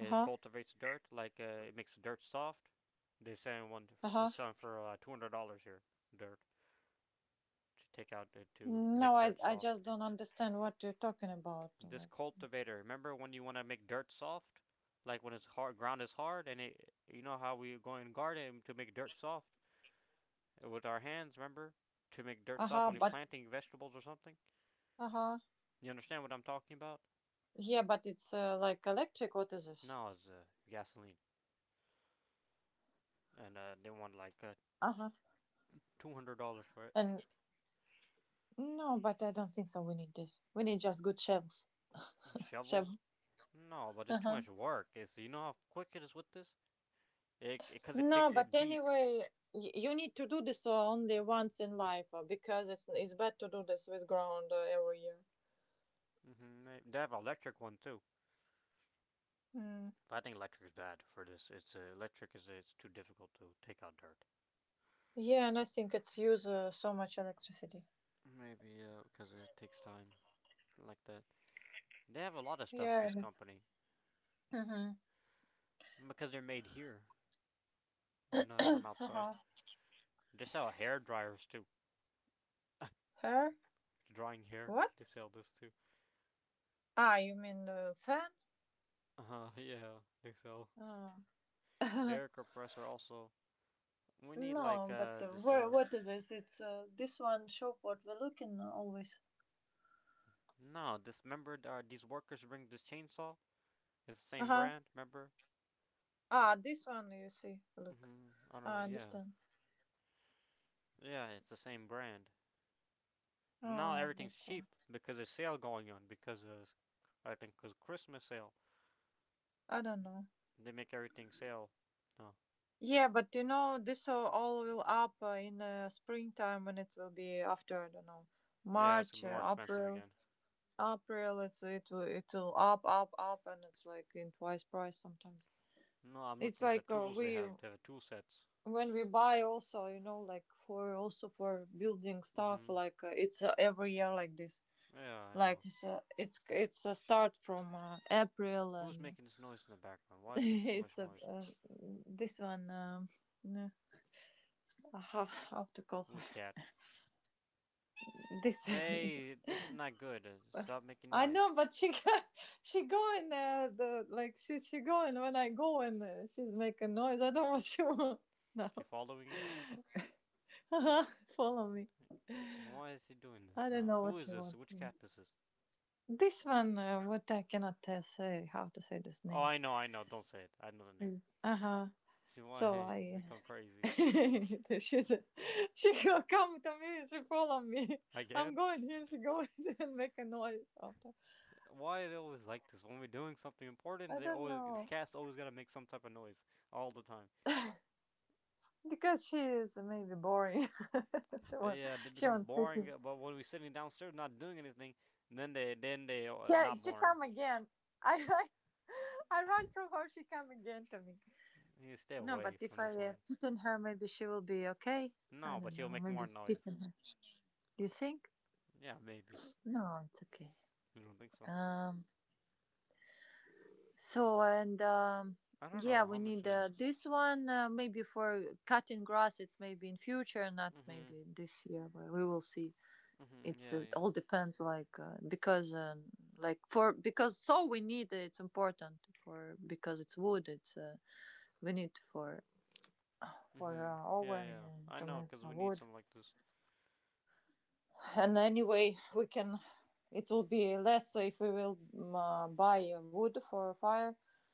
Uh huh.
cultivates dirt, like it makes dirt soft. They're selling one
Uh
for, it's
huh.
selling for $200 here. Dirt to take out to
No,
make
I
dirt
I
soft.
just don't understand what you're talking about.
This
Like.
cultivator. Remember when you want to make dirt soft, like when it's hard, ground is hard, and it, you know how we go in garden to make dirt soft with our hands. Remember to make dirt
Uh
soft
huh.
when you're
But.
planting vegetables or something.
Uh huh.
You understand what I'm talking about?
Yeah, but it's, like, electric. What is this?
No, it's gasoline, and they want like
Uh huh.
$200 for it.
And. No, but I don't think so. We need this. We need just good shovels.
Shovels?
Shovel.
No, but it's too
Uh-huh.
much work. It's you know how quick it is with this? It because it,
No,
picks
but
it deep.
anyway, you need to do this only once in life, because it's bad to do this with ground every year.
They have an electric one too.
Mm.
But I think electric is bad for this. It's electric is it's too difficult to take out dirt.
Yeah, and I think it's use so much electricity.
Maybe because it takes time like that. They have a lot of stuff at
Yeah.
this company
Mm-hmm.
because they're made here. They're not from outside.
Uh-huh.
They sell hair dryers too.
Her?
Drying hair. They
What?
sell this too.
Ah, you mean fan?
Yeah, think so.
Oh.
Air compressor also. We need like
No, but
this
what is this? It's this one shop what we're looking always.
no this remember these workers bring this chainsaw. It's the same
Uh-huh.
brand. Remember?
Ah, this one you see. Look,
I don't know.
I
Yeah,
understand.
yeah, it's the same brand. Now
Oh,
everything's
that's
cheap
right.
because there's sale going on because of I think because Christmas sale
I don't know.
they make everything sale. No,
Yeah, but you know, this all will up in springtime, when it will be after, I don't know,
yeah, it's gonna
March,
be more expensive
April,
again.
April. It will up up up, and it's like in twice price sometimes.
No, I'm
It's
looking at the
like
tools
we
they have. They have tool sets.
when we buy also, you know, like for also for building stuff,
hmm
like, it's every year like this,
Yeah, I
like
know.
it's, it's a start from April
Who's
and.
making this noise in the background? Why are they making so much
It's a,
noise?
this one. No, how to call her?
Which cat?
This.
Hey, this is not good. Stop making
I
noise.
know, but she she going, the like she going when I go, and she's making noise. I don't know what she want now.
She following you?
Follow me.
Why is he doing
I
this
don't
now?
know
Who
what
is
you
this?
want.
Which cat this is?
This one, what I cannot say how to say this
Oh,
name.
I know, I know. Don't say it. I know the name.
Uh huh.
See why
So
I
I
become crazy
she's a, she go come to me, she follow me. I'm
again?
going here, she go and make a noise after.
Why are they always like this? When we're doing something important,
I
they
don't
always the
know,
cat's always gotta make some type of noise all the time.
because she is maybe boring. she won't
Yeah, they
she
become
won't fit
boring.
in.
But when we're sitting downstairs not doing anything, then they
She
not
she
boring.
come again. I I, I run from her. She come again to me.
You stay
No,
away
but
from
if
this
I
one.
fit in her, maybe she will be okay. I
No,
don't
but you'll
know.
make
Maybe
more
fit
noise.
in her. Do you think?
Yeah, maybe.
No, it's okay.
You don't think so?
Um, So and
I don't
yeah,
know how
we
much.
need this one, maybe for cutting grass. It's maybe in future, not
Mhm.
maybe this year, but we will see.
Mhm. Yeah.
It
Yeah.
all depends, like, because, like for because so we need, it's important for because it's wood. It's we need for
Mhm. Yeah.
oven
Yeah. I
to
know,
make
cause we need
wood,
something like this.
and anyway we can, it will be less if we will buy wood for a fire.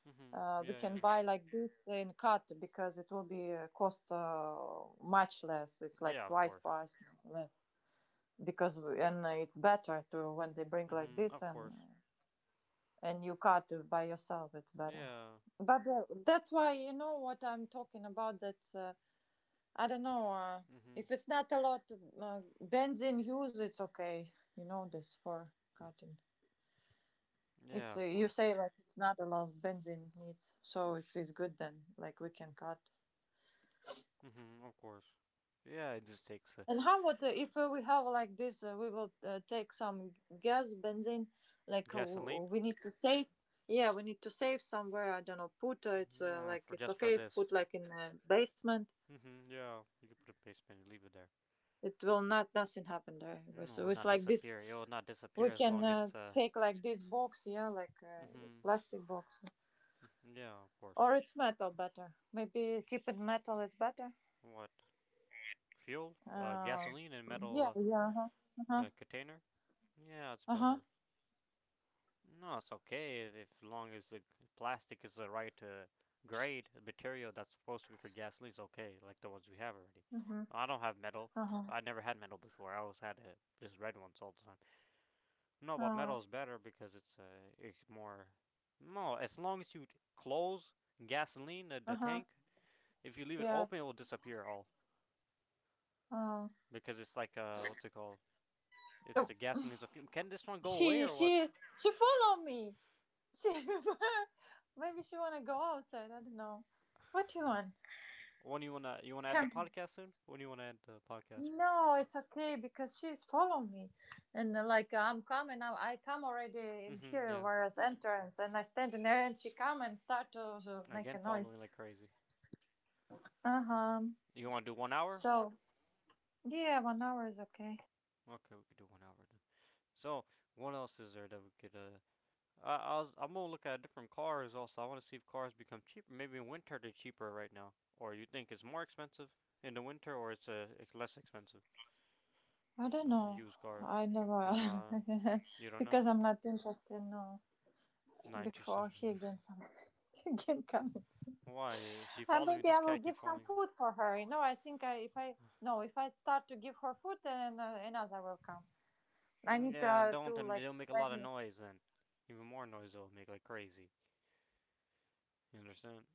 Mhm.
We
Yeah.
can
Yeah.
buy like this in cut, because it will be cost much less, it's like
Yeah. Of
twice
course.
price less, because we, and it's better to when they bring like
Mhm.
this,
Of
and
course.
and you cut by yourself, it's better.
Yeah.
But that's why, you know what I'm talking about, that, I don't know.
Mhm.
If it's not a lot of bands use, it's okay. You know, this for cutting. It's
Yeah. Of
you
course.
say, like, it's not a lot of benzene needs, so it's good then. Like, we can cut.
Mhm. Of course. Yeah. It just takes
And how about if we have like this? We will take some gas benzene. Like,
gasoline.
we need to save. Yeah, we need to save somewhere. I don't know. Put, it's
Yeah.
like,
For
it's
just for
okay, if
this.
put like in the basement.
Mhm. Yeah. You can put a basement and leave it there.
It will not nothing happen there.
No, it
So
will
it's
not
like this.
disappear. It will not
We
disappear as
can
long it's.
take like this box, yeah, like a
Mhm.
plastic box,
Yeah. Of course.
or it's metal better. Maybe keep it metal is better.
What? Fuel?
Uh,
Gasoline in a
yeah,
metal
yeah, uh huh,
container. Yeah, it's
uh huh,
better. No, it's okay if long as the plastic is the right grade material that's supposed to be for gasoline. It's okay, like the ones we have already.
uh huh,
I don't have metal.
uh huh,
I never had metal before. I always had just red ones all the time. No, but
uh
metal is better because it's more. No, as long as you close gasoline the
huh,
tank, if you leave it
yeah.
open, it will disappear all
Uh,
because it's like what's it called? It's
oh,
the gasoline's a fume. Can this one go away or what?
she follow me. She, maybe she wanna go outside. I don't know. What you want?
When you wanna add the
Come.
podcast soon? When you wanna add the podcast?
No, it's okay because she's following me, and like, I'm coming now. I come already in
Mm-hmm.
here,
Yeah.
whereas entrance, and I stand in there, and she come and start to make
Again,
a noise.
following like crazy.
Uh huh.
You wanna do 1 hour?
So yeah, 1 hour is okay.
Okay, we could do 1 hour then. So what else is there that we could? I'm gonna look at different cars also. I want to see if cars become cheaper. Maybe in winter they're cheaper right now, or you think it's more expensive in the winter, or it's less expensive.
I don't know.
Used car
I never.
from you don't know.
Because I'm not interested. No,
I'm not
before
interested
he
in this.
again come, he again coming.
Why is she following you?
Maybe I
This
will
cat keep
give some
following.
food for her. You know, I think, I, if I no, if I start to give her food, then another will come. I need
Yeah, and don't
to
them. They
like
don't make a lot of
very.
noise, and even more noise they'll make like crazy. You understand?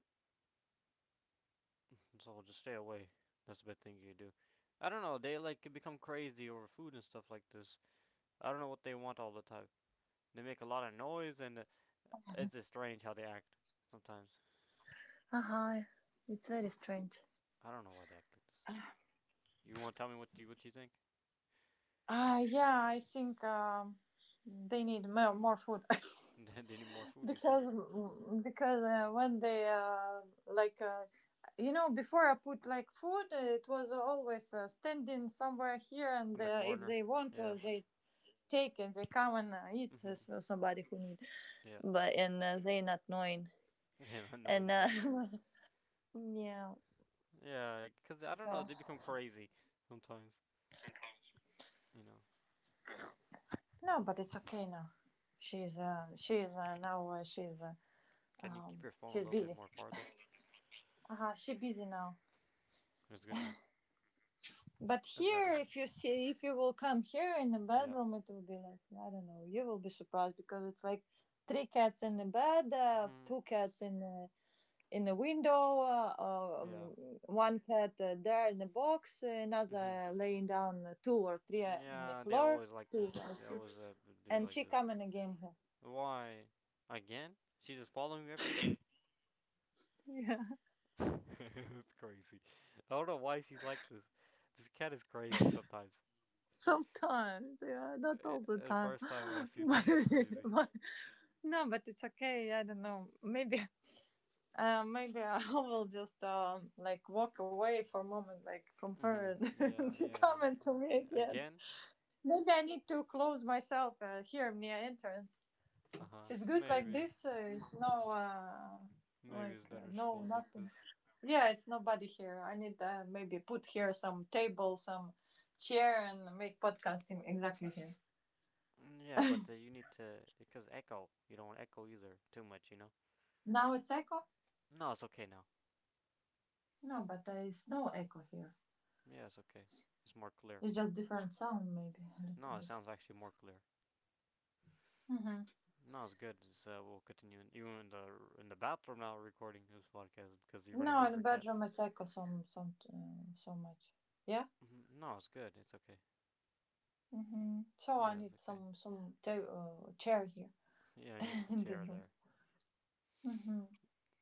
So just stay away. That's the best thing you do. I don't know. They like can become crazy over food and stuff like this. I don't know what they want all the time. They make a lot of noise, and it's just strange how they act sometimes.
Uh-huh. It's very strange.
I don't know why they act like this. You want to tell me what you think?
Yeah, I think they need more food.
They need more food. You said
because because when they like uh, before I put like food, it was always standing somewhere here, and
on the
if
corner.
they want,
Yeah.
they take and they come and eat
Mhm.
so somebody who need.
Yeah.
But and they not knowing.
Yeah.
And
Annoying then.
yeah.
Yeah, cause I don't
So.
know. They become crazy sometimes. You know.
No, but it's okay now. She's now
Can you keep your phone a
she's
little bit
busy.
more farther?
Uh-huh, she busy now.
It's good now.
But
It's
here,
better.
if you see, if you will come here in the
Yeah.
bedroom, it will be like I don't know. You will be surprised because it's like three cats in the bed,
Hmm.
two cats in the window, um,
Yeah.
one cat there in the box,
Hmm.
another laying down two or three in the
Yeah. They
floor.
always like
Two,
this.
I
They
see.
always do
And
like
she
this.
coming again here.
Why? Again? She's just following me everywhere.
Yeah.
It's crazy. I don't know why she's like this. This cat is crazy sometimes.
Sometimes, yeah, not all the time.
First time I see like this
but,
crazy.
but no, but it's okay. I don't know. Maybe, maybe I will just like walk away for a moment, like from
hmm
her, and
Yeah.
she
Yeah.
come to me
Okay.
again.
Again?
Maybe I need to close myself here near entrance.
Uh huh.
It's good like
Maybe.
this. It's no,
Maybe it's
like
better she
no
goes like
nothing.
this.
Yeah, it's nobody here. I need maybe put here some table, some chair, and make podcasting exactly here.
Yeah, but you need to because echo. You don't want echo either too much, you know.
Now it's echo?
No, it's okay now.
No, but there is no echo here.
Yeah, it's okay. It's more clear.
It's just different sound, maybe a little
No, it
bit.
sounds actually more clear.
Mm-hmm.
No, it's good. We'll continue in, you in the bathroom now recording this podcast because you're running
No,
away
in the
from
bedroom
cats.
it's echo some so much. Yeah.
Mhm, no, it's good. It's okay.
Mm-hmm. So I
Yeah, it's
need
okay.
some chair here
Yeah, you put a
in
chair
this room.
there.
Mm-hmm.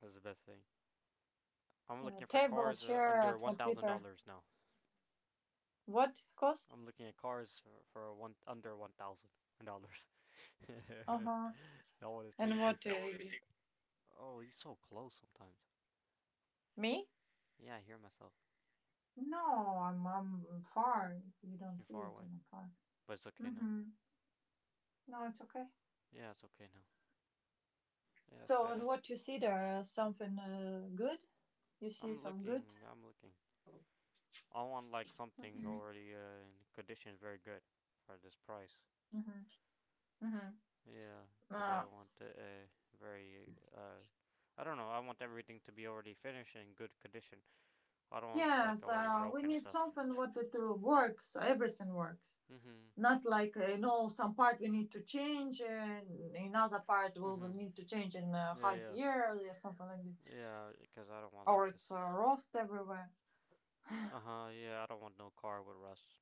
That's the best thing. I'm
Yeah,
looking for
table,
cars
chair, a
under one thousand
computer.
dollars now.
What cost?
I'm looking at cars for one under $1,000.
Uh huh.
I want to see
And
what they
what?
sell. Oh, he's so close sometimes.
Me?
Yeah, I hear myself.
No, I'm far. You don't
You're
see
far
it,
away.
in the park.
But it's
Far.
okay now.
Mm-hmm. No, it's okay.
Yeah, it's okay now. Yeah, it's
So, and
better.
what you see there is something good? You see some good?
I'm looking. I want like something
Mm-hmm.
already in condition very good for this price.
Mm-hmm. Mm-hmm.
Yeah, cause I
Uh,
want a very I don't know. I want everything to be already finished and in good condition. I don't want like
yes,
already
we
broken and
need
stuff.
something what to works, everything works.
Mhm.
Not like, some part we need to change, and another part we will
Mhm.
need to change in a
Yeah,
half
yeah,
year or something like this.
yeah. Because I don't want like
Or it's
this.
rust everywhere.
Uh huh. Yeah, I don't want no car with rust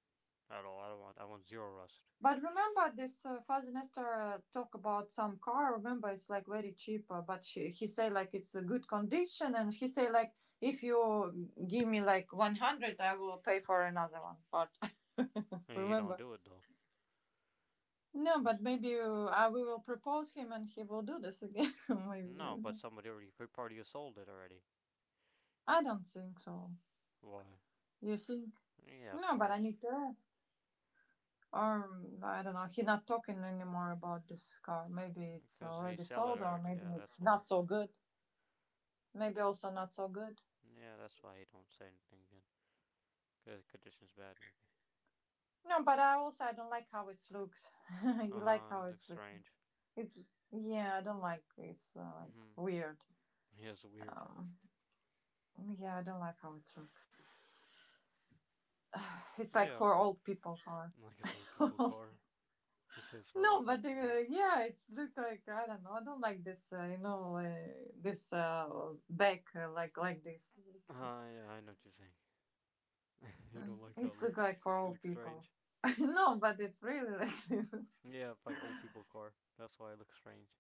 at all. I don't want. I want zero rust.
But remember this Father Nestor talk about some car. Remember, it's like very cheap, but he say like it's a good condition, and he say like if you give me like 100, I will pay for another one. But
I mean, he don't
remember,
do it though.
no, but
He's,
maybe I we will propose him, and he will do this again. Maybe I
no,
don't
but
know.
somebody already party has sold it already.
I don't think so.
Why?
You think?
Yeah, of
No, but I
course.
need to ask. Or I don't know. He not talking anymore about this car. Maybe it's
Because he
already
sell it
sold, or
already.
maybe
Yeah,
it's
that's why.
not so good. Maybe
Mhm.
also not so good.
Yeah, that's why he don't say anything again. Cause the condition's bad, maybe.
No, but I also I don't like how it looks.
Uh
You like
huh.
how
It
it
looks
looks.
strange.
It's yeah, I don't like it's like
Mhm.
weird.
Yeah, it's weird.
Um, yeah, I don't like how it's looks. It's like
Yeah,
for old people for.
like his old people
No,
car. He says for like old
but
people.
yeah, it's look like I don't know. I don't like this. This back uh, like this.
Uh yeah, I know what you're saying. You
Uh,
don't like how it
it's look
looks,
like for old
looks
people.
strange.
No, but it's really like this.
Yeah, like old people car. That's why it looks strange.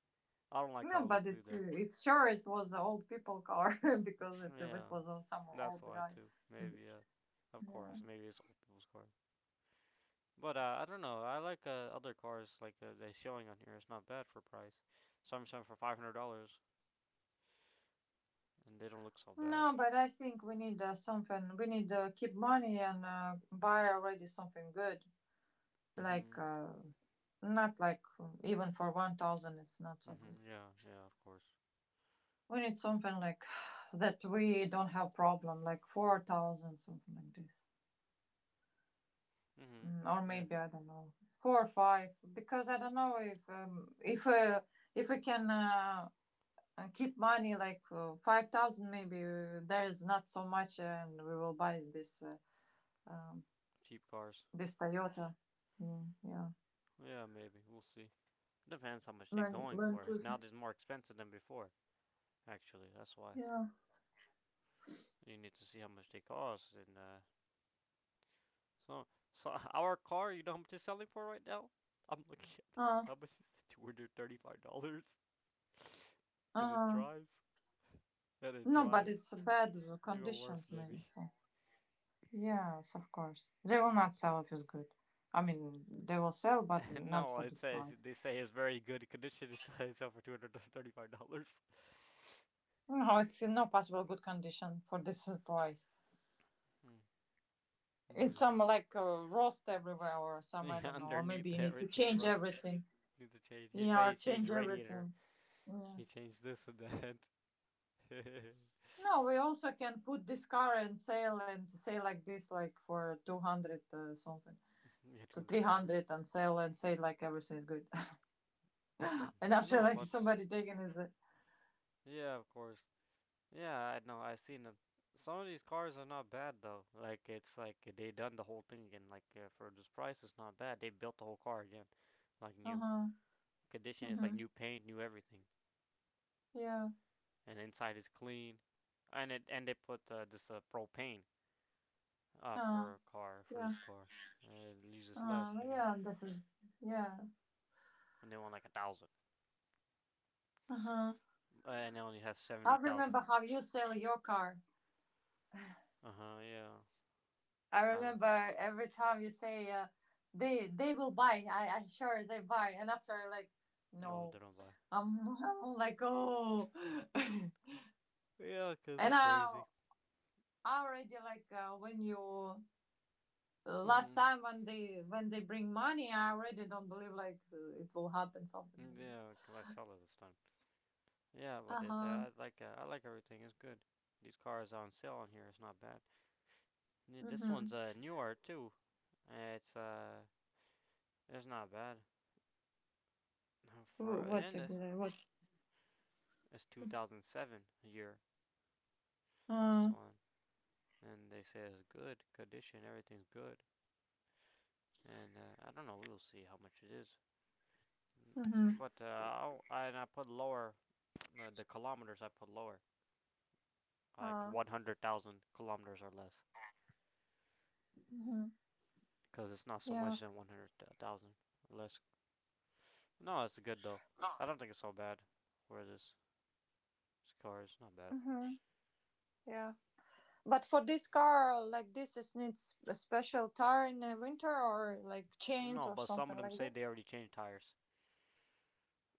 I don't like how
No,
it
but
looks either.
it's sure it was an old people car because it
Yeah,
was some
that's
old
why
guy.
too. Maybe yeah, of
Yeah.
course. Maybe it's old people's car. But I don't know. I like other cars like they're showing on here. It's not bad for price. Some for $500, and they don't look so bad.
No, but I think we need something. We need keep money and buy already something good. Like
Mhm.
not like even for 1,000, it's not so good.
Mhm. Yeah. Yeah. Of course.
We need something like that we don't have problem, like 4,000, something like this,
Mhm.
mm, or
Yeah.
maybe I don't know four or five. Because I don't know if if we can. Keep money like 5000 maybe there is not so much and we will buy this um,
Cheap cars.
this toyota. Mm, yeah,
Yeah. Maybe we'll see. Depends how much they're
land,
going
land
for. It's
cruiser.
now it's more expensive than before. Actually, that's why
yeah
you need to see how much they cost and So, so our car, you know how much it's selling for right now? I'm looking at it.
uh,
How much is it? $235. And it
uh
drives. And it
no, but
drives.
it's a bad
Even worse,
conditions maybe.
maybe.
So yes, of course they will not sell if it's good. I mean they will sell but not
No,
for
it
this
says
price.
they say it's very good condition. It's selling for $235.
No, it's in no possible good condition for this price. It's some
Maybe.
like rust everywhere or some I
Yeah,
don't know, or maybe
underneath
you need to
everything
change
rust
everything.
needs to change. He
Yeah,
say
or
he changed
change
radiator.
everything. Yeah.
He changed this and that. Yeah,
No, we also can put this car and sale and say like this, like for 200 something.
two
So
hundred dollars.
300 and sell and say like everything is good. And after
No,
like
but
somebody taking it, like,
yeah, of course. Yeah, I know. I've seen them. Some of these cars are not bad though. Like it's like they done the whole thing again. Like for this price, it's not bad. They built the whole car again, like
uh
new
huh,
condition. It's like
mm-hmm,
new paint, new everything,
yeah,
and inside is clean. And it and they put this propane
uh,
for a car for
yeah,
this car. It uses less, I guess.
yeah, this is, yeah,
And they want like a thousand,
uh huh.
and it only has
I
seventy
remember
thousand.
how you sell your car.
Uh huh. Yeah.
I
I remember.
remember every time you say they will buy. I'm sure they buy, and after like
No,
no,
they don't buy.
I'm like oh, and
Yeah, 'cause they
I
crazy.
I already like when you last
Mhm.
time when they bring money, I already don't believe like it will happen something like
Yeah,
this.
'cause I sell it this time. Yeah,
Uh
but it
huh.
I like everything. It's good. These cars are on sale on here. It's not bad. This
Mhm.
one's newer too. Uh, It's uh it's not bad
Wh-
for
What
and
exactly? What?
it's 2007 year. This
Uh.
one, and they say it's good condition. Everything's good. And I don't know. We'll see how much it is.
Mhm.
But I and I put lower the kilometers. I put lower, like
Uh.
100,000 kilometers or less,
Mhm.
because it's not so
Yeah.
much than 100,000. Less. No, it's good though. I don't think it's so bad. Where this, this car is not bad.
Mm. Yeah. But for this car, like this, it needs a special tire in the winter or like chains
No,
or
but some
something
of them
like
say
this.
they already changed tires.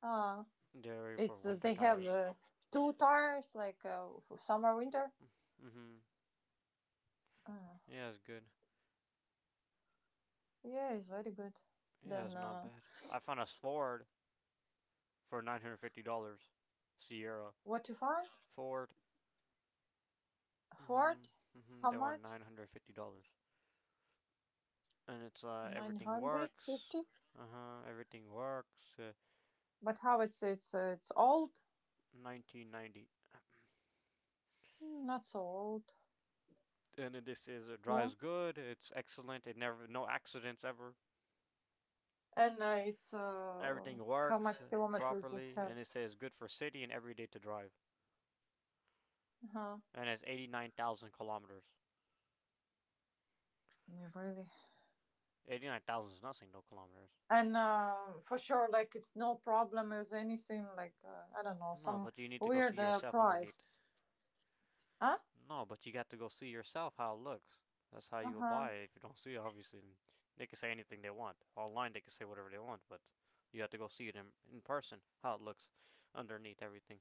Uh
They already for
it's
winter
they have
tires.
two tires, like for summer winter.
hmm
Uh,
Yeah, it's good.
yeah, it's very good.
Yeah, it's
Then
not bad. I found a Ford for $950. Sierra
what you find?
Ford. hmm
Ford, how
They want
much?
$950, and it's
Nine
everything
hundred
works.
fifty.
Uh huh. Everything works.
But how it's it's old?
1990.
Mm, not so old.
And this is, it
Yeah,
drives good. It's excellent. It never, no accidents ever.
and it's
Everything
how
works
much kilometers it
properly, and
have?
it says good for city and every day to drive,
Uh huh.
and it's 89,000 kilometers.
Yeah, really.
89,000 is nothing, no kilometers.
And for sure like it's no problem with anything like I don't know
No,
some
but you need to go see
weird
yourself underneath.
price. Huh.
No, but you got to go see yourself how it looks. That's how you will
Uh-huh.
buy it. If you don't see it, obviously, they can say anything they want. Online, they can say whatever they want, but you have to go see it in person, how it looks underneath everything.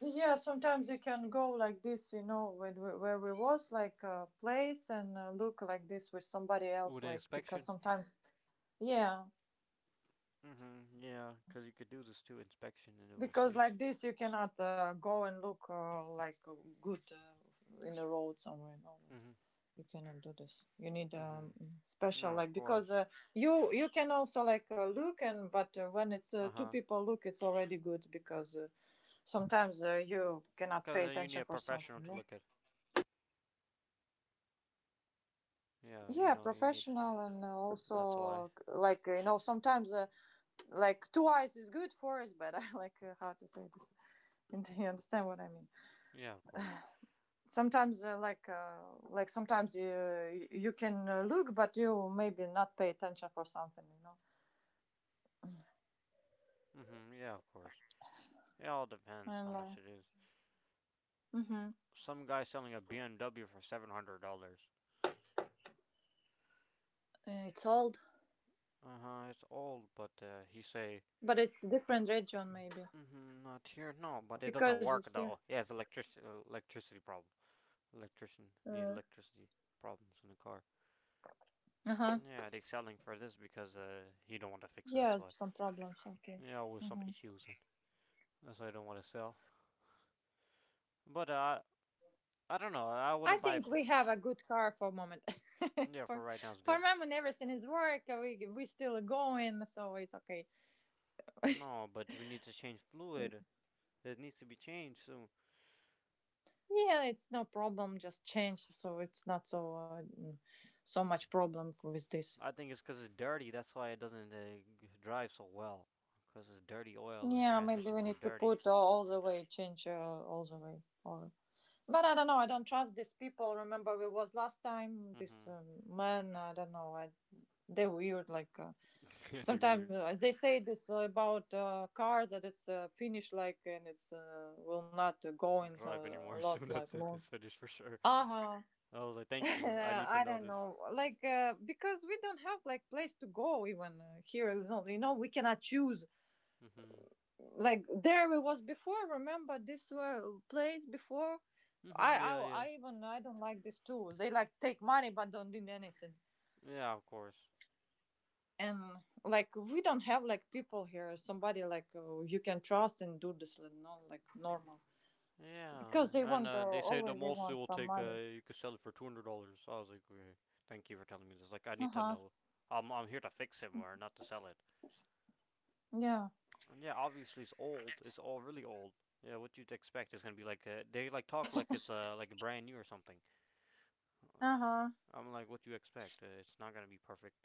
Yeah, sometimes you can go like this you know when we, where we was like a place and look like this with somebody else
With an
like because
inspection?
sometimes, yeah,
Mm-hmm, yeah, because you could do this too, inspection, and it will
because
see.
like this you cannot go and look uh, good in the road somewhere. No,
Mm-hmm,
you cannot do this. You need
mm-hmm.
special
No, of
like
course.
because you you can also like look and but when it's two
Uh-huh.
people look it's already good because sometimes you cannot
Because
pay
you need
attention
a
for something.
professional to
Yeah,
look at. Yeah, you
yeah,
know, you need.
professional and
That's why.
also like you know sometimes like two eyes is good, four is bad. I like how to say this. And you understand what I mean.
Yeah, of course.
Sometimes like sometimes you can look but you maybe not pay attention for something, you know.
Mm-hmm. Yeah, of course. It all depends how
And
much it is.
mm-hmm.
Some guy selling a BMW for $700.
It's old,
Uh huh. It's old, but he say.
but it's a different region maybe
Mm-hmm. Not here. No, but it doesn't
because it's
work
here.
though. Yeah, it's electricity. Electricity problem. Electrician needs
Uh
electricity problems in the car.
huh.
Yeah, they selling for this because he don't want to fix it. That's
Yes,
why.
some problems. Okay.
Yeah, with some
Mm-hmm.
issues. That's why I don't want to sell. But I don't know. I
I
wouldn't buy.
think we have a good car for a moment.
Yeah, for
for
right now it's
for a
good.
moment, everything is work. We still going, so it's okay.
No, but we need to change fluid. It needs to be changed soon.
Yeah, it's no problem. Just change, so it's not so so much problem with this.
I think it's because it's dirty. That's why it doesn't drive so well. Because it's dirty oil and
Yeah, maybe
transmission
we
fluid
need to
dirty.
put all the way change all the way or but I don't know. I don't trust these people. Remember, we was last time this
Mm-hmm.
man. I don't know. They're weird. Like
Can't be
sometimes
weird.
they say this about cars that it's finished, like and it's will not go into
Drive
a
anymore
lot
soon.
like
That's it.
long.
It's finished for sure.
Uh huh.
I was like, thank you. I need to
I
know
don't
this.
know. Like because we don't have like place to go even here. You know, we cannot choose
Mm-hmm.
like there it was before. Remember this were place before. I,
Mm-hmm.
I
Yeah, yeah.
i even I don't like this too. They like take money but don't do anything.
Yeah, of course.
And like we don't have like people here somebody like you can trust and do this, you know, like normal,
Yeah,
because they
and
want
they say the
always they
most it
want
will
some
take,
money.
you could sell it for $200. I was like, okay, thank you for telling me this. Like, I need to
Uh-huh.
know. I'm here to fix it more, not to sell it.
Yeah.
And yeah, obviously it's old. It's all really old. Yeah, what you'd expect is gonna be like they like talk like it's like brand new or something.
Uh-huh.
I'm like, what do you expect? It's not gonna be perfect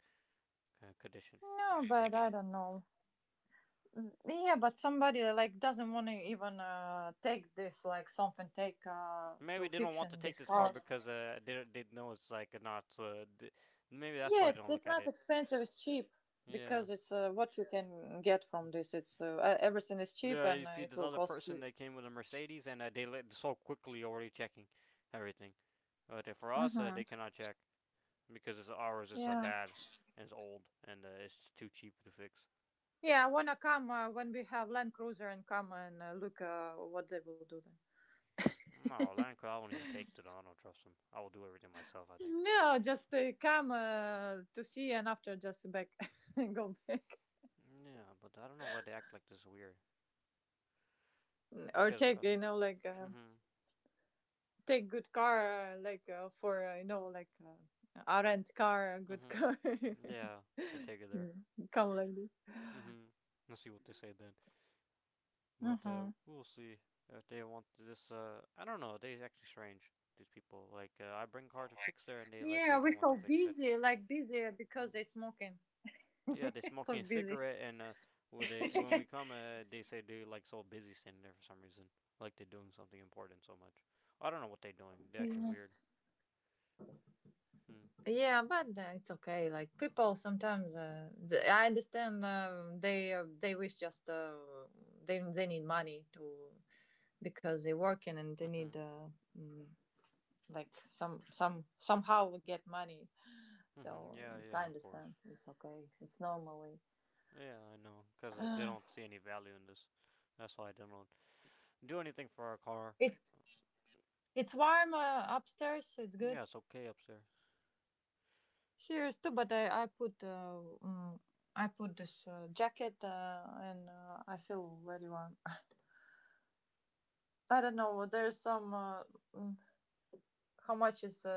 condition
No,
for this
but
car.
I don't know. Mm, yeah, but somebody like doesn't want to even take this, like something take
Maybe
to
they don't want to
fixing
take
this
this car
car.
because they know it's like not maybe that's
Yeah,
why they
it's
don't look
it's
at
not
it.
expensive. It's cheap
Yeah.
because it's what you can get from this. It's everything is cheap
Yeah, you
and
see
it
this
will
other
cost you.
person. They came with a Mercedes, and they let so quickly already checking everything. But for us, they
Mm-hmm.
cannot check because ours is
Yeah,
bad, and it's old, and it's too cheap to fix.
yeah. I wanna come when we have Land Cruiser and come and look what they will do then.
No, Land Cruiser, I won't even take to them. I don't trust them. I will do everything myself, I think.
No, just come to see and after just back and go back.
Yeah, but I don't know why they act like this is weird.
Mm, or
Because
take you know like
mhm,
take good car for uh, like a rent car, a good
mhm,
car.
yeah, I take it there.
Mm, come like this.
Mhm. Let's see what they say then.
Uh
But
huh.
we'll see if they want this. I don't know. They actually strange. These people like I bring car to fix there, and they like
Yeah, we're
don't want to
so
fix it.
busy, like busy because they're smoking.
Yeah, they smoking
So
a
busy.
cigarette, and when we come, they say they like so busy standing there for some reason, like they're doing something important so much. I don't know what they're doing. They're acting
Yeah.
weird. Hmm.
Yeah, but it's okay. Like people sometimes, I understand they wish just they need money to because they're working and they need
Mhm.
mm, like some somehow we get money.
Mhm.
So
Yeah.
it's
Yeah.
I
Of course.
understand. It's okay. It's normal way.
Yeah, I know. Cause they
Uh,
don't see any value in this. That's why I don't do anything for our car.
it it's warm upstairs. So it's
Yeah,
good.
it's okay upstairs.
Here is too, but I put I put this jacket and I feel very warm. I don't know. There's some mm, how much is uh,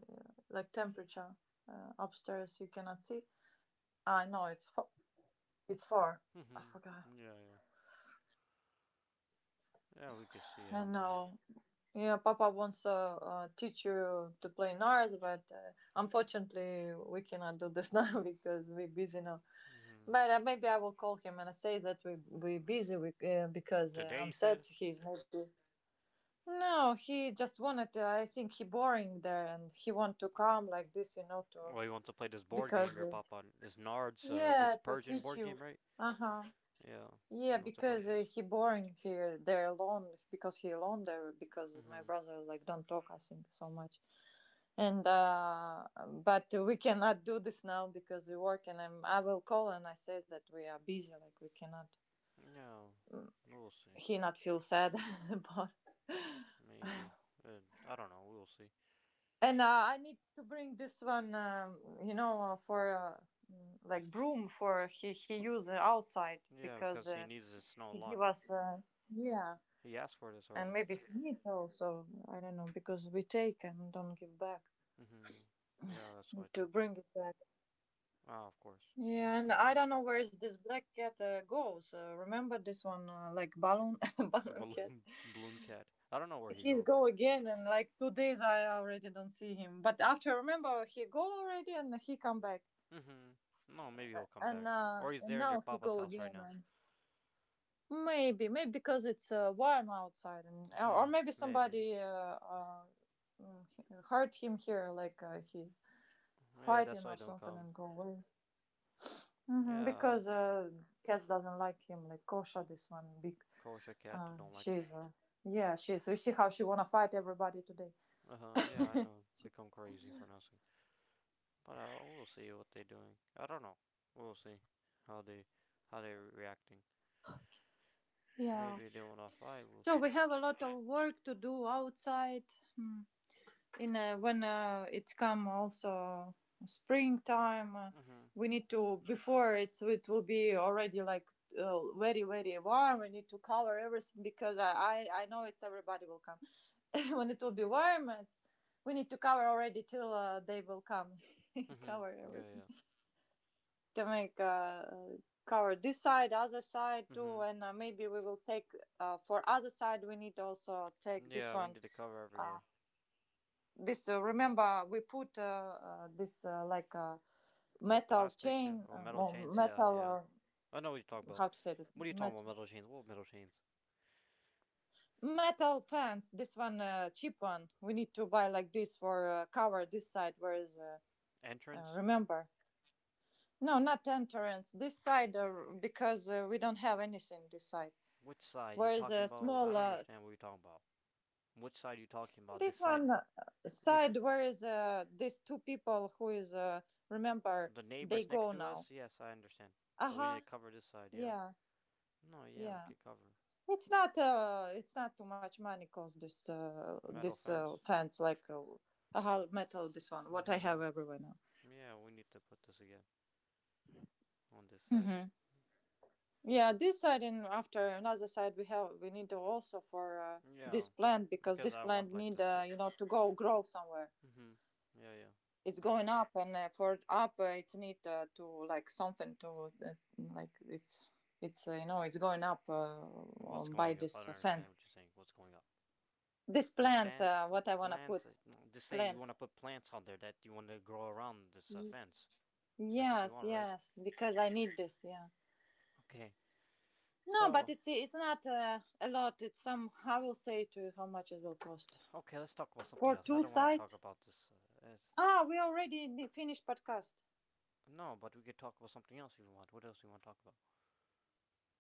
uh, like temperature upstairs? You cannot see. I know it's it's four. I
Mhm.
forgot.
Yeah. Yeah. Yeah, we can see
I
him, but
know. Yeah, Papa wants to teach you to play NARS, but unfortunately we cannot do this now because we're busy now.
mm,
But maybe I will call him and I say that we are busy because
today he
I'm sad.
said,
He's maybe no. He just wanted. To, I think he boring there and he want to come like this, you know, to
well, he wants to play this board game
because
your pop on. This Nard's, this
yeah, to
Persian
teach
board
you.
game, right?
Uh huh.
Yeah,
Yeah,
he wants to play
because
this.
he boring here. They're alone because he alone there because my
Mm-hmm.
brother like don't talk. I think so much and but we cannot do this now because we work and I will call and I say that we are busy like we cannot
Yeah, we'll see.
he not feel sad about
Maybe. I don't know. We'll see.
and I need to bring this one you know for like broom for he use outside
Yeah,
because
because he needs this snow a
he
lot.
give us yeah,
He asked for this
and
already.
maybe he need also I don't know because we take and don't give back
Mm-hmm. Yeah, that's why
need to
too.
bring it back.
Ah, of course. Mm,
Yeah, and
bring
I
back
don't know where is this black cat goes. Remember this one, like balloon, balloon cat.
balloon, balloon cat. I don't know where he
He's
go.
go again, and like 2 days I already don't see him. But after remember he go already, and he come back,
Mm-hmm. No, maybe he'll come back. Or he's
and
there in your
now he
papa's
go
house
again.
right now.
And maybe, maybe because it's warm outside, and or
Yeah,
maybe
maybe.
somebody uh, mm, he- hurt him here, like he's
Yeah, that's
fighting
why I
or
don't
something,
come.
and go away. Hmm,
Yeah,
because cats doesn't like him, like Kosha, this one big.
kosher cat don't like.
She's yeah, she's. We see how she wanna fight everybody today.
Uh huh. Yeah, I know. Become crazy for nothing. But we'll see what they're doing. I don't know. We'll see how they, how they're reacting.
Yeah.
Maybe they want to fight. We'll
So we
see.
have a lot of work to do outside. Mm, In when it's come also springtime,
Mhm.
we need to before it's it will be already like very very warm. We need to cover everything because I know it's everybody will come when it will be warm. It's, we need to cover already till they will come
Mm. Mhm.
cover
Mm. Yeah.
everything.
Yeah.
To make cover this side, other side too,
Mhm.
and maybe we will take for other side. We need also
Mm.
take this
Yeah. We
one.
need to cover
Uh,
everywhere.
this remember we put this like a
What,
metal
plastic
chain
or metal
or
chains? Yeah. Yeah.
metal
I know what you're talking about.
how to say this
What are you talking about?
metal
Metal chains? What metal chains?
metal fence. This one cheap one. We need to buy like this for cover this side. Where is
Entrance?
remember? No, not entrance. This side because we don't have anything this side.
Which side you
Where is
talking
a
about? I
small
don't understand what you're talking about. Which side you talking about? This
this one
side? You
side where is these two people who is remember
The
they
neighbors next
go
to
now.
us? Yes, I understand.
Uh
So we need
huh.
to cover this side, yeah.
Yeah,
No, yeah, we
yeah.
could cover.
It's not too much money cost this
Metal
this
fence?
fans like metal this one what I have
Mm-hmm.
everywhere now.
Yeah, we need to put this again on this side.
Mm-hmm. Yeah, this side and after another side we have we need to also for
Yeah,
this plant because
because
this
I want
plant
like
need
this too.
you know to go grow somewhere.
Mm-hmm. Yeah, yeah.
It's going up and for up it's need to like something to like it's you know it's going up
What's
by
going up? I
this
don't understand
fence
what you're saying. What's going up?
this
This
plant
fence,
what I want to put
plant. No, just say you
plant
want to put plants out there that you want to grow around this
Y-
fence. That's what you
yes,
want, right?
yes, because I need this, yeah.
Okay.
No, but
So,
it's not a lot, it's some. I will say to you how much it will cost
okay, let's talk about something
for
else. I
two
don't want to talk
sites.
about this. Uh,
Ah, we already finished podcast.
No, but we could talk about something else if you want. What else do you want to talk about?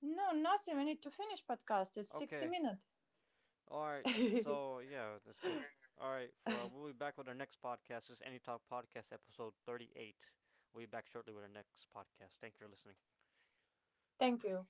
No, nothing, we need to finish podcast. It's 60
Okay.
minutes.
All right. So yeah, that's good. All right. For we'll be back with our next podcast. This is Any Talk Podcast, episode 38. We'll be back shortly with our next podcast. Thank you for listening.
Thank you.